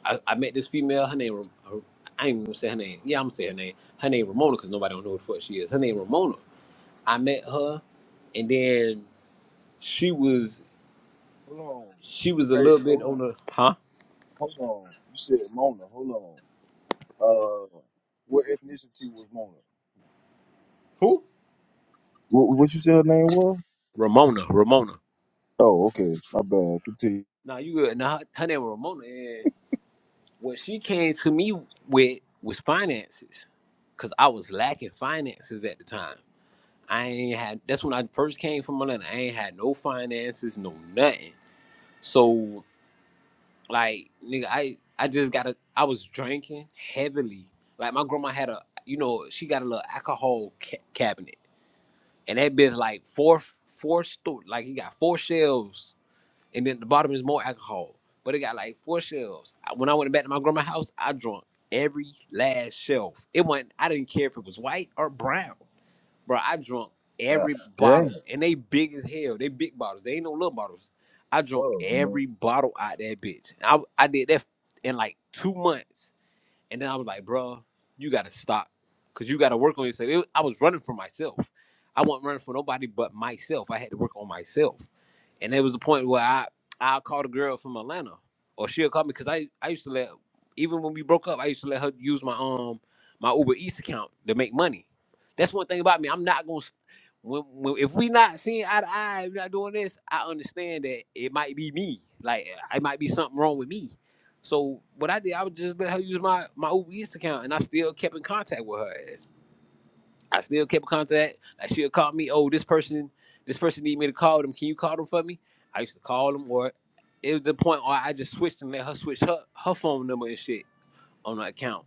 I, I met this female. Her name, Ra- I ain't even gonna say her name. Yeah, I'm gonna say her name. Her name Ramona, cause nobody don't know who the fuck she is. Her name Ramona. I met her, and then she was
Hold on.
she was a
Hey,
little bit
hold
on
on.
the huh
Hold on. You said Mona. Hold on. Uh, what ethnicity was Mona?
who
What, what you said her name was?
Ramona Ramona.
Oh, okay. My bad. Continue.
Now you good? Now her, her name was Ramona, and what she came to me with was finances, cause I was lacking finances at the time. I ain't had. That's when I first came from Atlanta. I ain't had no finances, no nothing. So Like nigga, I I just got a I was drinking heavily. Like my grandma had a you know she got a little alcohol ca- cabinet, and that bitch like four four store like he got four shelves, and then the bottom is more alcohol, but it got like four shelves. I- When I went back to my grandma's house, I drunk every last shelf. It wasn't I didn't care if it was white or brown bro. I drunk
Yeah.
every
Dang.
bottle, and they big as hell. They big bottles. They ain't no little bottles. I drunk
Dog, man.
every bottle out that bitch. I I did that in like two months. And then I was like, "Bro, you gotta stop. Cause you gotta work on yourself. It, I was running for myself. I wasn't running for nobody but myself. I had to work on myself. And there was a point where I I called a girl from Atlanta. Or she'll call me because I, I used to let even when we broke up, I used to let her use my um my Uber Eats account to make money. That's one thing about me. I'm not gonna when, when if we not seeing eye to eye, we not doing this, I understand that it might be me. Like it might be something wrong with me so what I did, I would just let her use my my Uber Eats account, and I still kept in contact with her ass. I still kept in contact. Like she'll call me, oh, this person, this person need me to call them. Can you call them for me? I used to call them, or it was the point where I just switched and let her switch her her phone number and shit on her account.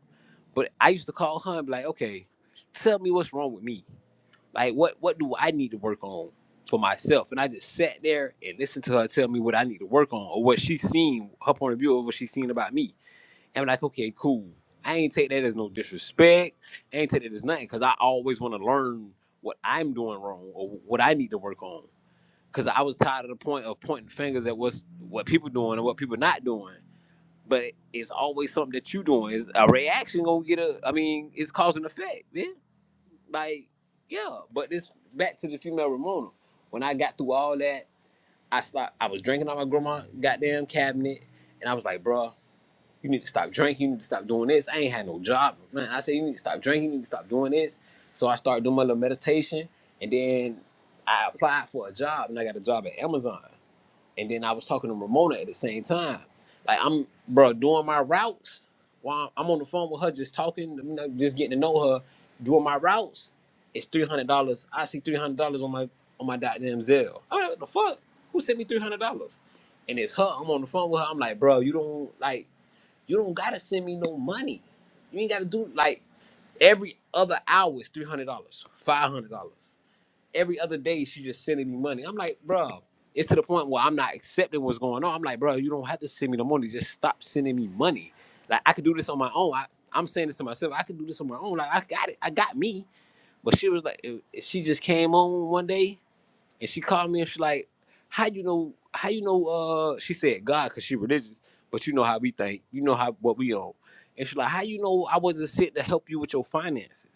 But I used to call her and be like, okay, tell me what's wrong with me. Like what what do I need to work on for myself? And I just sat there and listened to her tell me what I need to work on or what she seen, her point of view of what she seen about me I'm like, okay, cool. I ain't take that as no disrespect. I ain't take that as nothing because I always want to learn what I'm doing wrong or what I need to work on. Because I was tired of the point of pointing fingers at what's what people doing and what people not doing. But it, it's always something that you doing. Is a reaction gonna get a? I mean, it's cause and effect, man. Like, yeah. But this back to the female Ramona. When I got through all that, I stopped. I was drinking out my grandma goddamn cabinet, and I was like, bro. You need to stop drinking. You need to stop doing this. I ain't had no job, man. I said you need to stop drinking. You need to stop doing this. So I started doing my little meditation, and then I applied for a job, and I got a job at Amazon. And then I was talking to Ramona at the same time. Like I'm, bro, doing my routes while I'm on the phone with her, just talking, you know, just getting to know her, doing my routes. It's three hundred dollars. I see three hundred dollars on my on my goddamn Zelle. I'm like, what the fuck? Who sent me three hundred dollars? and it's her. I'm on the phone with her. I'm like, bro, you don't like. You don't gotta send me no money. You ain't gotta do like every other hour is three hundred dollars, five hundred dollars. Every other day she just sending me money. I'm like, bro, it's to the point where I'm not accepting what's going on. I'm like, bro, you don't have to send me the money. Just stop sending me money. Like I could do this on my own. I, I'm saying this to myself. I could do this on my own. Like I got it. I got me. But she was like, eh, she just came on one day and she called me and she like, how you know, how you know, uh, she said God because she religious, but you know how we think. You know how what we own. And she like, how you know I wasn't sent to help you with your finances?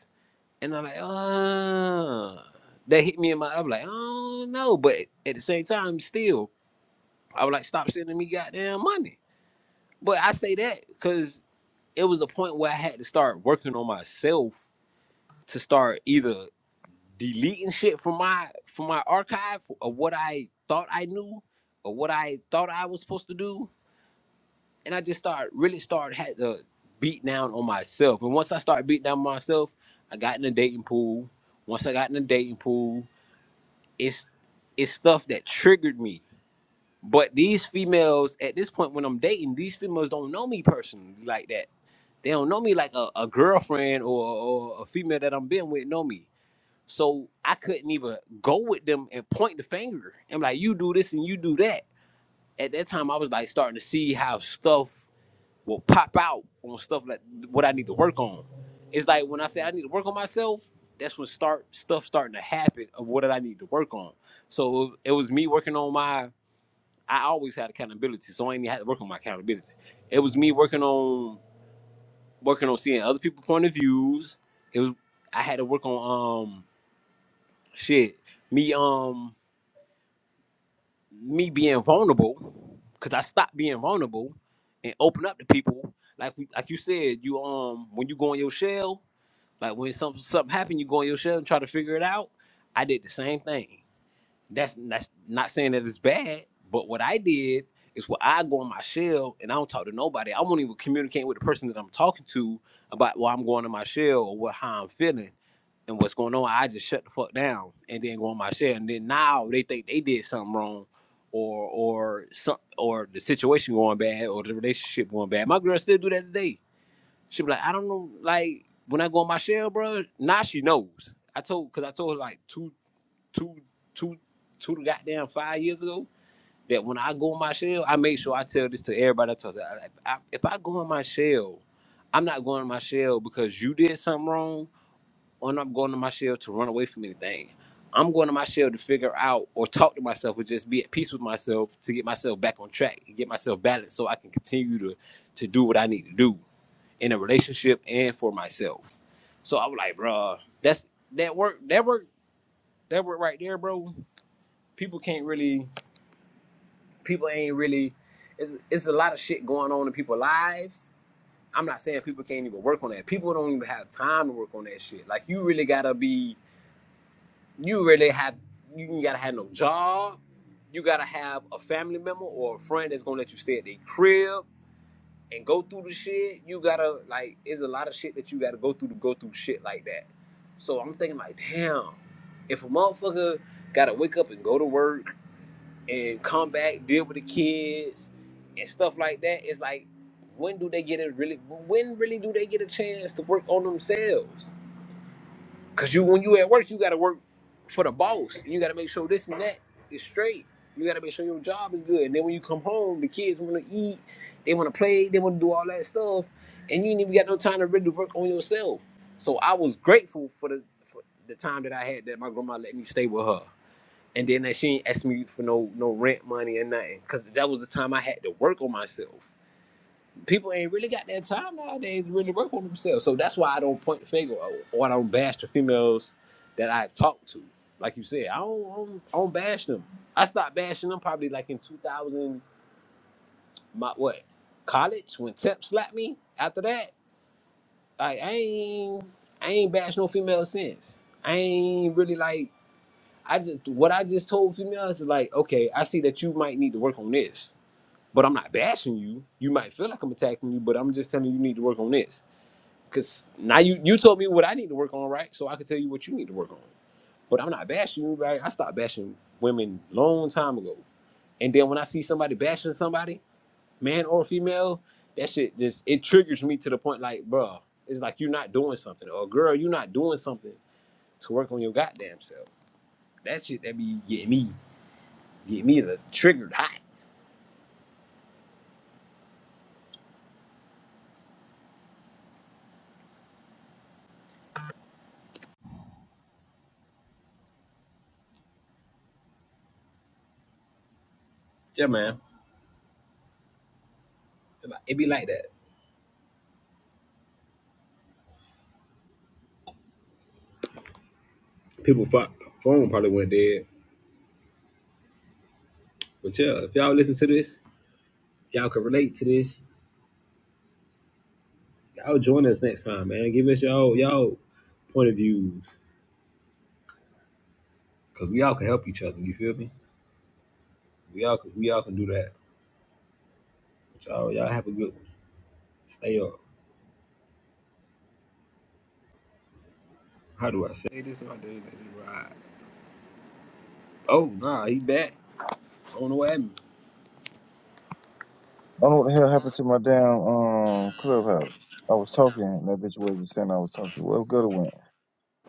And I'm like, uh that hit me in my, I'm like, oh no. But at the same time, still, I was like, stop sending me goddamn money. But I say that because it was a point where I had to start working on myself to start either deleting shit from my from my archive of what I thought I knew or what I thought I was supposed to do, and I just start really start had to beat down on myself. And once I started beating down on myself, I got in the dating pool. Once I got in the dating pool, it's it's stuff that triggered me. But these females at this point when I'm dating, these females don't know me personally like that. They don't know me like a, a girlfriend or, or a female that I'm been with know me so I couldn't even go with them and point the finger. I'm like, you do this and you do that. At that time, I was like starting to see how stuff will pop out on stuff like what I need to work on. It's like when I say I need to work on myself, that's when start stuff starting to happen of what I need to work on. So it was me working on my. I always had accountability, so I ain't had to work on my accountability. It was me working on working on seeing other people's point of views. It was I had to work on um shit. Me um me being vulnerable because I stopped being vulnerable and open up to people. Like we, like you said, you um when you go in your shell, like when something something happened, you go in your shell and try to figure it out. I did the same thing. That's that's not saying that it's bad, but what I did is what I go in my shell and I don't talk to nobody. I won't even communicate with the person that I'm talking to about why I'm going in my shell or what how I'm feeling and what's going on, I just shut the fuck down and then go on my share. And then now they think they did something wrong or or some or the situation going bad or the relationship going bad. My girl still do that today. She be like, I don't know, like when I go on my share, bro, now she knows. I told cause I told her like two two two two to goddamn five years ago that when I go on my shell, I make sure I tell this to everybody I talk to. I, I, if I go on my shell, I'm not going on my shell because you did something wrong or I'm going to my shell to run away from anything. I'm going to my shell to figure out or talk to myself or just be at peace with myself to get myself back on track and get myself balanced so I can continue to to do what I need to do in a relationship and for myself. So I'm like, bro, that's that work that work that work right there, bro. People can't really people ain't really it's, it's a lot of shit going on in people's lives. I'm not saying people can't even work on that. People don't even have time to work on that shit. Like you really gotta be you really have you gotta have no job. You gotta have a family member or a friend that's gonna let you stay at their crib and go through the shit. You gotta like it's a lot of shit that you gotta go through to go through shit like that. So I'm thinking like, damn, if a motherfucker gotta wake up and go to work and come back, deal with the kids and stuff like that, it's like when do they get it really when really do they get a chance to work on themselves? Cause you when you at work, you gotta work for the boss. You gotta make sure this and that is straight. You gotta make sure your job is good. And then when you come home, the kids wanna eat, they wanna play, they wanna do all that stuff, and you ain't even got no time to really work on yourself. So I was grateful for the for the time that I had that my grandma let me stay with her. And then that she ain't asked me for no no rent money or nothing. Cause that was the time I had to work on myself people ain't really got that time nowadays to really work on themselves. So that's why I don't point the finger or, I don't bash the females that I have talked to. Like you said, I don't, I don't, I don't bash them. I stopped bashing them probably like in 2000, my what, college when Tep slapped me. After that, like I ain't, I ain't bashed no female since. I ain't really like, I just, what I just told females is like, okay, I see that you might need to work on this. But I'm not bashing you. You might feel like I'm attacking you, but I'm just telling you you need to work on this Cause now you you told me what I need to work on, right? So I could tell you what you need to work on. But I'm not bashing you, right? I stopped bashing women long time ago. And then when I see somebody bashing somebody, man or female, that shit just it triggers me to the point like, bruh, it's like you're not doing something, or girl, you're not doing something to work on your goddamn self. That shit that be getting me, getting me the triggered hot. Yeah, man. It be like it be like that. People phone probably went dead. But yeah, if y'all listen to this, y'all can relate to this. Y'all join us next time, man. Give us y'all y'all point of views, cause we all can help each other. You feel me? We all can, we all can do that. But y'all y'all have a good one. Stay up. How do I say this? My dude, let me ride. Oh nah, he back. I don't know what happened.
I don't know what the hell happened to my damn um clubhouse. I was talking, and that bitch wasn't saying I was talking. Well, good it went.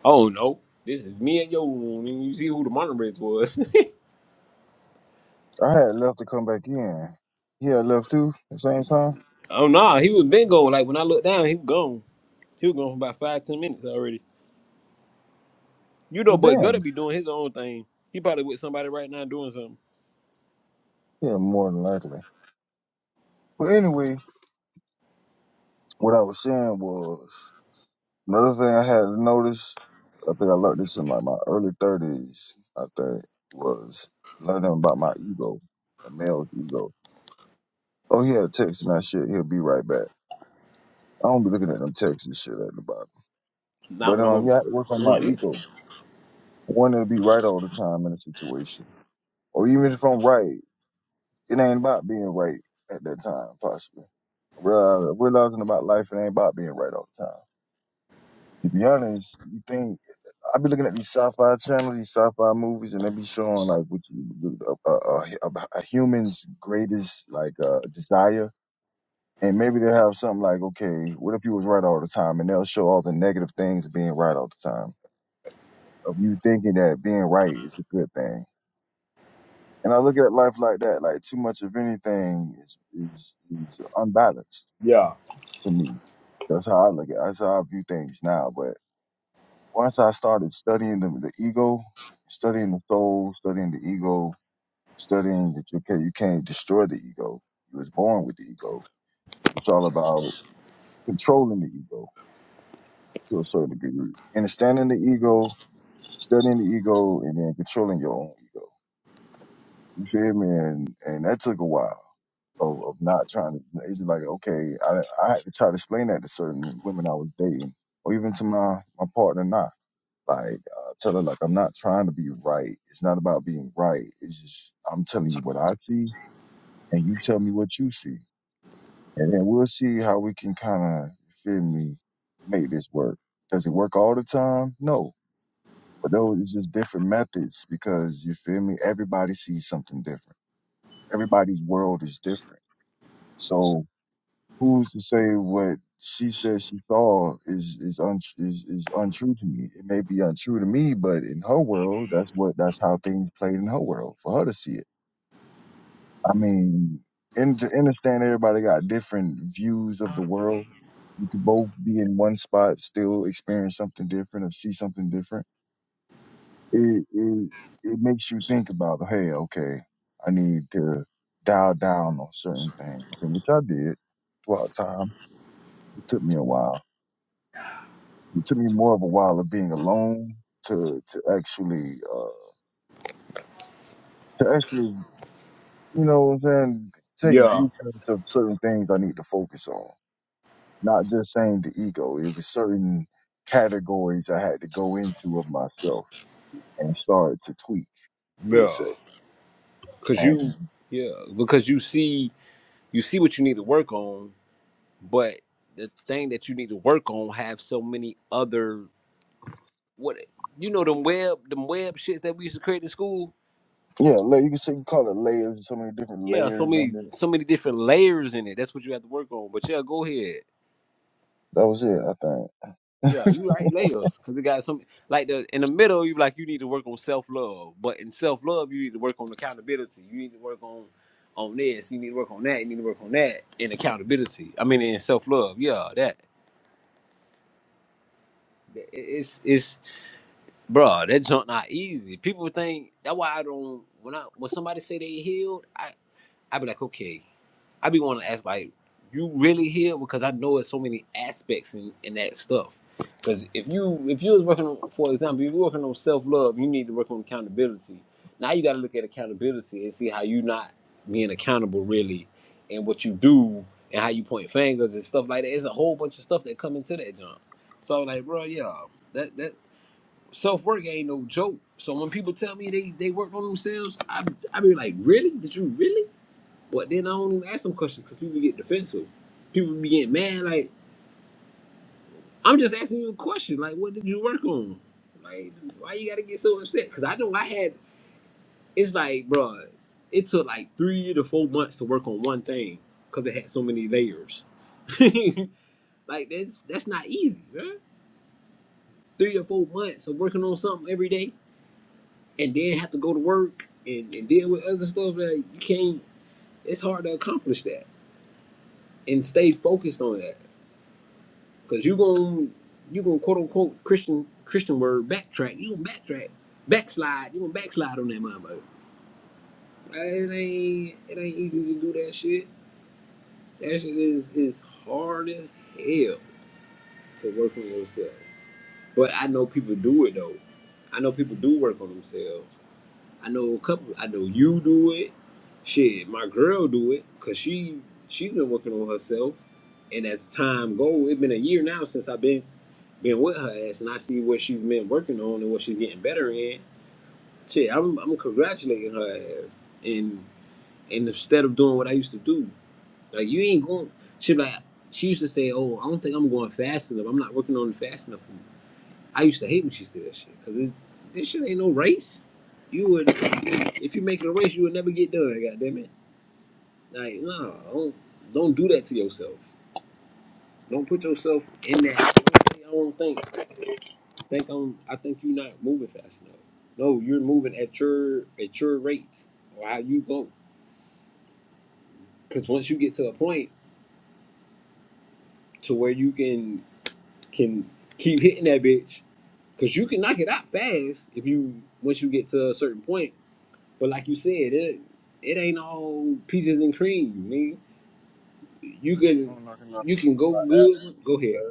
Oh no, this is me and your room. And you see who the moderator was?
I had left to come back in. He had left too at the same time.
<laughs> oh nah, he was been gone. Like when I looked down, he was gone. He was gone for about five ten minutes already. You know,
Well,
but Gutter
damn.
be doing his own thing. He probably with somebody right now doing something.
Yeah, more than likely. But anyway, what I was saying was. Another thing I had to notice, I think I learned this in like my early thirties. I think was learning about my ego, a male's ego. Oh, he had a text and that shit. He'll be right back. I don't be looking at them texts and shit at the bottom.
Not
But
when I'm
um,
on
yeah, I had to work on my
doing this.
ego, wanting to be right all the time in a situation, or even if I'm right, it ain't about being right at that time. Possibly Real- realizing about life, it ain't about being right all the time. To be honest, you think. I be looking at these sci-fi channels, these sci-fi movies, and they be showing like what you uh, uh, uh, a human's greatest like uh, desire, and maybe they have something like, okay, what if you was right all the time, and they'll show all the negative things of being right all the time, of you thinking that being right is a good thing. And I look at life like that, like too much of anything is is, is unbalanced
Yeah,
to me. That's how I look at. That's how I view things now. But once I started studying the, the ego, studying the soul, studying the ego, studying that you can't you can't destroy the ego. You was born with the ego. It's all about controlling the ego to a certain degree. Understanding the ego, studying the ego, and then controlling your own ego. You feel me? And and that took a while of, of not trying to. It's just like okay, I I had to try to explain that to certain women I was dating, or even to my my partner now. Like, uh, tell her, like, I'm not trying to be right. It's not about being right. It's just, I'm telling you what I see, and you tell me what you see. And then we'll see how we can kind of, you feel me, make this work. Does it work all the time? No. But those is just different methods because, you feel me, everybody sees something different. Everybody's world is different. So who's to say what she says she saw is is un, is is untrue to me? It may be untrue to me, but in her world, that's what that's how things played in her world for her to see it. I mean, and to understand everybody got different views of the world. You could both be in one spot, still experience something different or see something different. It it it makes you think about, hey, okay, I need to dial down on certain things, and which I did throughout time. It took me a while It took me more of a while of being alone to to actually uh, to actually you know what I'm saying take
yeah.
viewpoints of certain things I need to focus on. Not just saying the ego. It was certain categories I had to go into of myself and start to tweak. You would
Yeah,
say,
cause you,
and
yeah, because you see, you see what you need to work on, but the thing that you need to work on have so many other what you know them web them web shits that we used to create in school.
yeah, la- you can say you call it layers. So many different
Yeah, so
layers
many
on it.
so many different layers in it. That's what you have to work on. But yeah, go ahead.
That was it, I think.
Yeah, you right layers because it got some like the in the middle. You like you need to work on self love, but in self love you need to work on accountability. You need to work on on this. You need to work on that. You need to work on that in accountability. I mean in self love. Yeah, that it- it's it's bruh, that junk not easy. People think that's why I don't when I when somebody say they healed. I'd be like, okay. I'd be wanting to ask, like, you really here? Because I know it's so many aspects in, in that stuff. Because if you if you was working on, for example, if you're working on self love, you need to work on accountability. Now you got to look at accountability and see how you not being accountable really, and what you do and how you point fingers and stuff like that. It's a whole bunch of stuff that come into that jump. So I was like, bro, yeah, that that self work ain't no joke. So when people tell me they they work on themselves, I I be like, really? Did you really? But then I don't even ask them questions because people get defensive. People be getting mad. Like I'm just asking you a question. Like, what did you work on? Like, why you gotta get so upset? Because I know I had. It's like, bro, it took like three to four months to work on one thing because it had so many layers. <laughs> like that's that's not easy, man. Three or four months of working on something every day, and then have to go to work and, and deal with other stuff. that you can't. It's hard to accomplish that and stay focused on that. Cause you gon' you gonna quote unquote Christian Christian word backtrack. You gonna backtrack, backslide. You gonna backslide on that motherfucker. Uh, It ain't it ain't easy to do that shit. That shit is is hard as hell to work on yourself. But I know people do it though. I know people do work on themselves. I know a couple. I know you do it. Shit, my girl do it because she she's been working on herself. And as time go, it's been a year now since I've been been with her ass, and I see what she's been working on and what she's getting better in. Shit, I'm I'm congratulating her ass. And and instead of doing what I used to do, like you ain't going. Shit, like she used to say, "Oh, I don't think I'm going fast enough. I'm not working on it fast enough." for me. I used to hate when she said that shit because this shit ain't no race. You would, if you make it a race, you would never get done. God damn it! Like, no, don't don't do that to yourself. Don't put yourself in that. I don't think. I think I'm. I think you're not moving fast enough. No, you're moving at your at your rate or how you go. Because once you get to a point to where you can can keep hitting that bitch, because you can knock it out fast if you once you get to a certain point But like you said, it it ain't all peaches and cream, nigga. You can
I'm knocking out
you can go
my ass.
good. Go ahead.
man.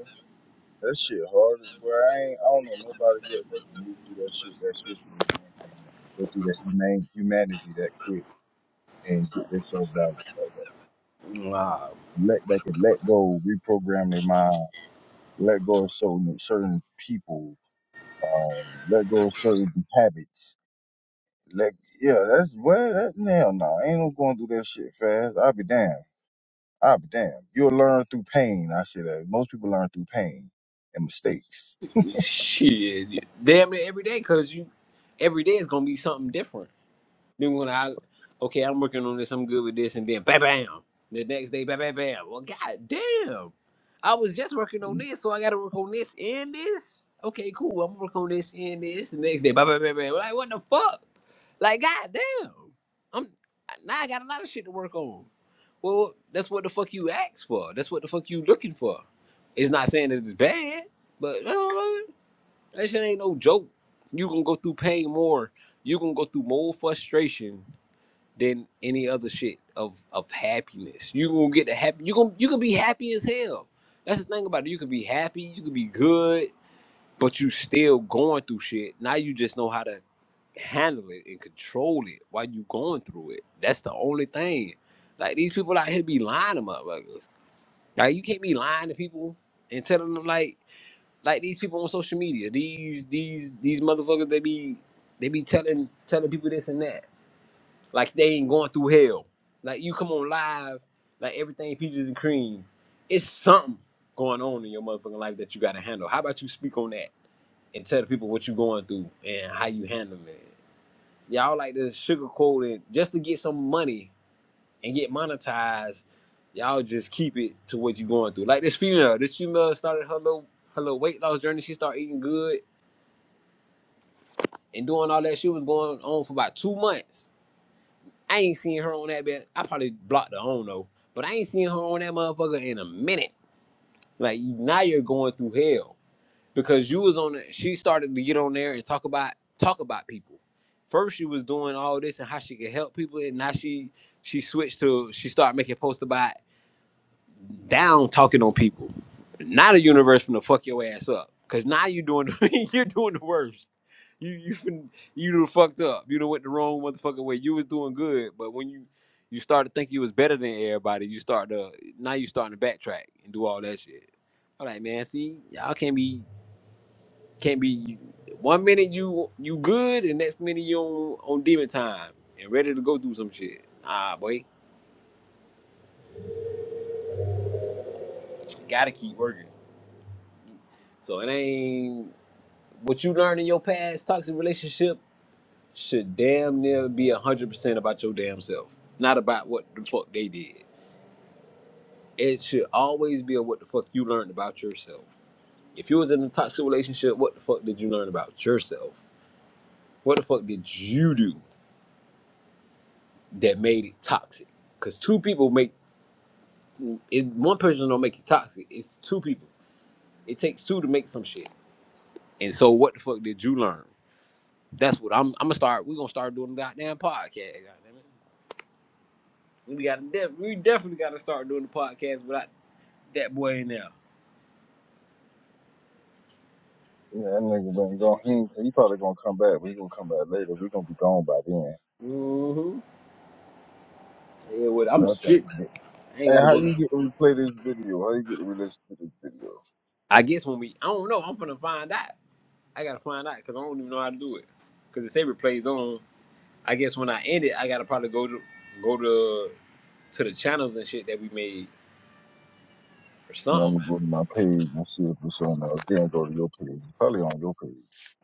That shit hard as boy. I ain't I don't know nobody yet that can move through that shit that swiftly and can go through that humane humanity that quick and get themselves balanced like
Wow,
that. Let they can let go, reprogram their mind, let go of certain certain people, um, let go of certain habits. Let yeah, that's well that hell no. Ain't no going through that shit fast. I'll be damned. I'll be damned. You'll learn through pain. I say that. Most people learn through pain and mistakes.
shit, damn it every day, cause you every day is gonna be something different. Then when I okay, I'm working on this, I'm good with this, and then bam bam. The next day, bam bam bam. Well god damn. I was just working on this, so I gotta work on this and this. Okay, cool. I'm working on this and this. The next day, bam bam bam bam. Like what the fuck? Like god damn. I'm now I got a lot of shit to work on. Well, that's what the fuck you asked for. That's what the fuck you looking for. It's not saying that it's bad, but uh, that shit ain't no joke. You gonna go through pain more. You gonna go through more frustration than any other shit of of happiness. You gonna get the happy. You gonna you can be happy as hell. That's the thing about it. You could be happy. You could be good, but you still going through shit. Now you just know how to handle it and control it while you going through it. That's the only thing. Like these people out here be lying to motherfuckers. Like you can't be lying to people and telling them like like these people on social media. These these these motherfuckers they be they be telling telling people this and that like they ain't going through hell. Like you come on live, like everything peaches and cream. It's something going on in your motherfucking life that you gotta handle. How about you speak on that and tell the people what you going through and how you handle it? Y'all like to sugarcoat it just to get some money and get monetized. Y'all just keep it to what you going through. Like this female, this female started her little her little weight loss journey. She started eating good and doing all that. She was going on for about two months I ain't seen her on that bit. I probably blocked her. I don't know, but I ain't seen her on that motherfucker in a minute. Like now you're going through hell because you was on. it. she started to get on there and talk about talk about people. First she was doing all this and how she could help people, and now she she switched to she started making posts about down talking on people, not a universe finna fuck your ass up. Cause now you doing the, <laughs> you're doing the worst. You you fin, you done fucked up. You done went the wrong motherfucking way. You was doing good, but when you you start to think you was better than everybody, you start to now you starting to backtrack and do all that shit. All right, man. See, y'all can't be can't be one minute you you good and next minute you on, on demon time and ready to go do some shit. Ah, boy, gotta keep working. So it ain't. What you learn in your past toxic relationship should damn near be one hundred percent about your damn self, not about what the fuck they did. It should always be a what the fuck you learned about yourself. If you was in a toxic relationship, what the fuck did you learn about yourself? What the fuck did you do that made it toxic? Because two people make it. One person don't make it toxic. It's two people. It takes two to make some shit. And so, what the fuck did you learn? That's what I'm. I'm gonna start. We're gonna start doing the goddamn podcast. Goddamn it. We got to def- we definitely got to start doing the podcast without that boy in there.
Yeah, that nigga been going. He, ain't- he probably gonna come back. but he gonna come back later. We gonna be gone by then.
Mm-hmm. Yeah, well, I'm
But I think
shit.
he did.
I ain't
Hey,
got to
how
go.
you
there.
get to replay this video? How you get to listen to this video?
I guess when we, I don't know. I'm finna find out. I gotta find out because I don't even know how to do it. Because the saber plays on. I guess when I end it, I gotta probably go to go to to the channels and shit that we made or
You know, I'm
something.
gonna go to my page and see if it's on there. Then go to your page. It's probably on your page.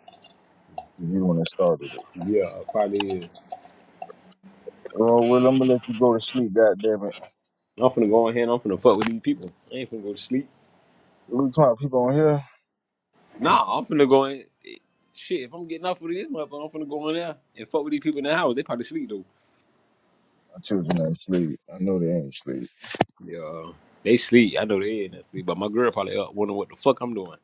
You the one that started it.
Yeah, probably. Is.
Oh well, I'm gonna let you go to sleep. God damn it.
I'm finna go in here. and I'm finna fuck with these people. I ain't finna go to sleep.
What we talking about people on here?
Nah, I'm finna go in. eh, Shit, if I'm getting off with this motherfucker, I'm finna go in there and fuck with these people in the house. They probably sleep though.
My children ain't sleep. I know they ain't sleep.
Yeah, they sleep. I know they ain't that sleep, but my girl probably up wondering what the fuck I'm doing.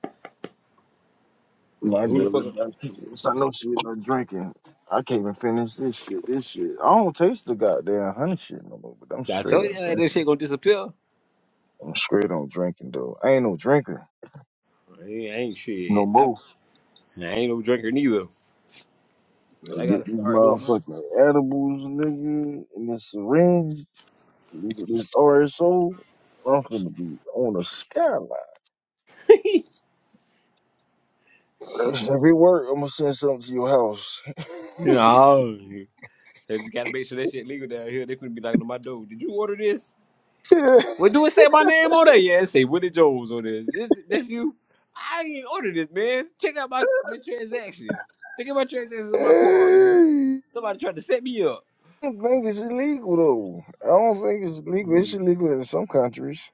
My
And who the
girl,
fuck?
is not- since I know she not drinking. I can't even finish this shit. This shit. I don't taste the goddamn honey shit no more. But I'm
I I
straight
told you
on
that
drinking.
shit gonna disappear.
I'm straight on drinking though. I ain't no drinker
I ain't, I ain't
no
shit. I,
more.
nah, I ain't no drinker neither. But
And
I gotta
Get these
start doing my.
motherfucking edibles, nigga, and this syringe, nigga, this RSO. I'm gonna be on a skyline. Every work, I'm gonna send something to your house.
You I just gotta make sure that shit legal down here. They finna be knocking on my door. Did you order this? Well, do it say my name on there? Yeah, it say Willie Jones on this. this that's you. I ain't ordered this, man. Check out my, my transactions. Look at my transactions on my card, man.
<laughs>
Somebody tried to set me up.
don't think it's illegal though. I don't think it's legal. It's illegal in some countries,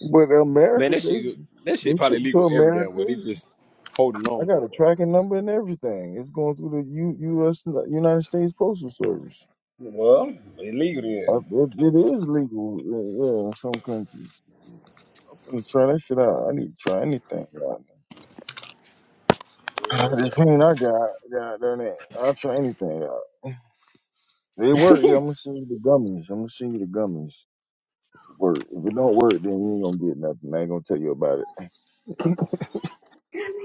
but
Man,
America,
that
they
shit that
they
shit
ship
probably
to
legal every damn
America.
way. They just holding
I
on to
got a
that right
tracking
there.
number and everything. It's going through the U, U.S. United States Postal Service.
Well, illegal
Uh,
then.
It, it is legal, uh, yeah, in some countries. I'm gonna try that shit out. I need to try anything. Y'all. The pain I got, goddamn it, I'll try anything. Y'all. They work. Yeah, I'm gonna send you the gummies. I'm gonna send you the gummies. work. If it don't work, then you ain't gonna get nothing. I ain't gonna tell you about it.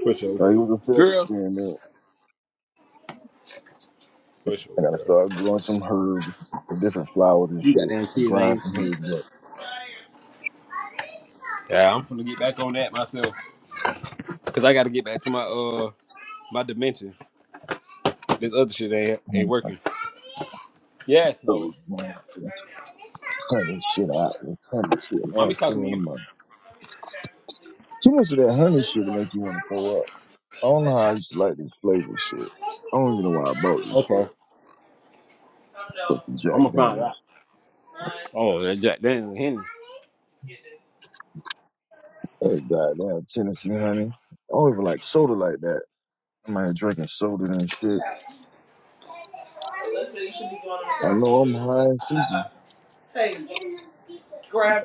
For sure.
Like, it was a failed
Girls,
experiment.
for sure,
I gotta
girl.
start growing some herbs, some different flowers and
You got
shit,
damn
and
kids
grind
ain't
some
sleep.
herbs up.
Yeah, I'm finna get back on that myself. Cause I gotta get back to my uh my dimensions. This other shit ain't
Mm.
ain't working. Yes,
So
Noah.
it's like it's honey shit out. It's honey shit. Man,
Mommy talking to
spending the
you.
money. Too much of that honey shit to make you want to throw up. I don't know how I used to like this flavor shit. I don't even know why I bought this shit.
Okay.
Fucking
I'm
Jack
gonna find
Daniels.
out. Oh, that Jack Daniel Hennessy.
That goddamn Tennessee honey. I don't even like soda like that. I'm out here drinking soda and shit. I know I'm high and stupid.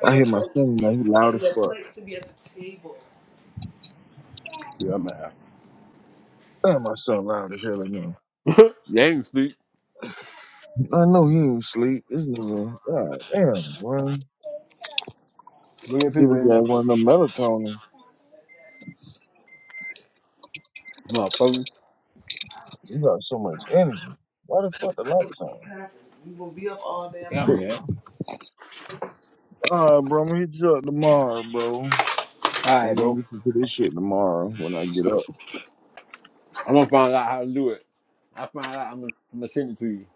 I hear my son now. He loud as fuck.
I'm out.
Damn, my son loud as hell now.
You ain't sleep.
I know he ain't sleep. This nigga, god damn, boy.
Bring your
Give
pizza
his
in
ass
there.
one of them melatonin.
Motherfucker.
You got so much energy. Why the fuck the lights on?
Yeah, man.
All right, bro. I'm gonna hit you up tomorrow, bro.
All
I'm
right,
gonna
bro.
listen to this shit tomorrow when I get up.
I'm gonna find out how to do it. I find out. I'm gonna, I'm gonna send it to you.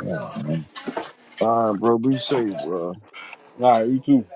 All right, man. All right, bro. Be safe, bro.
All right, you too.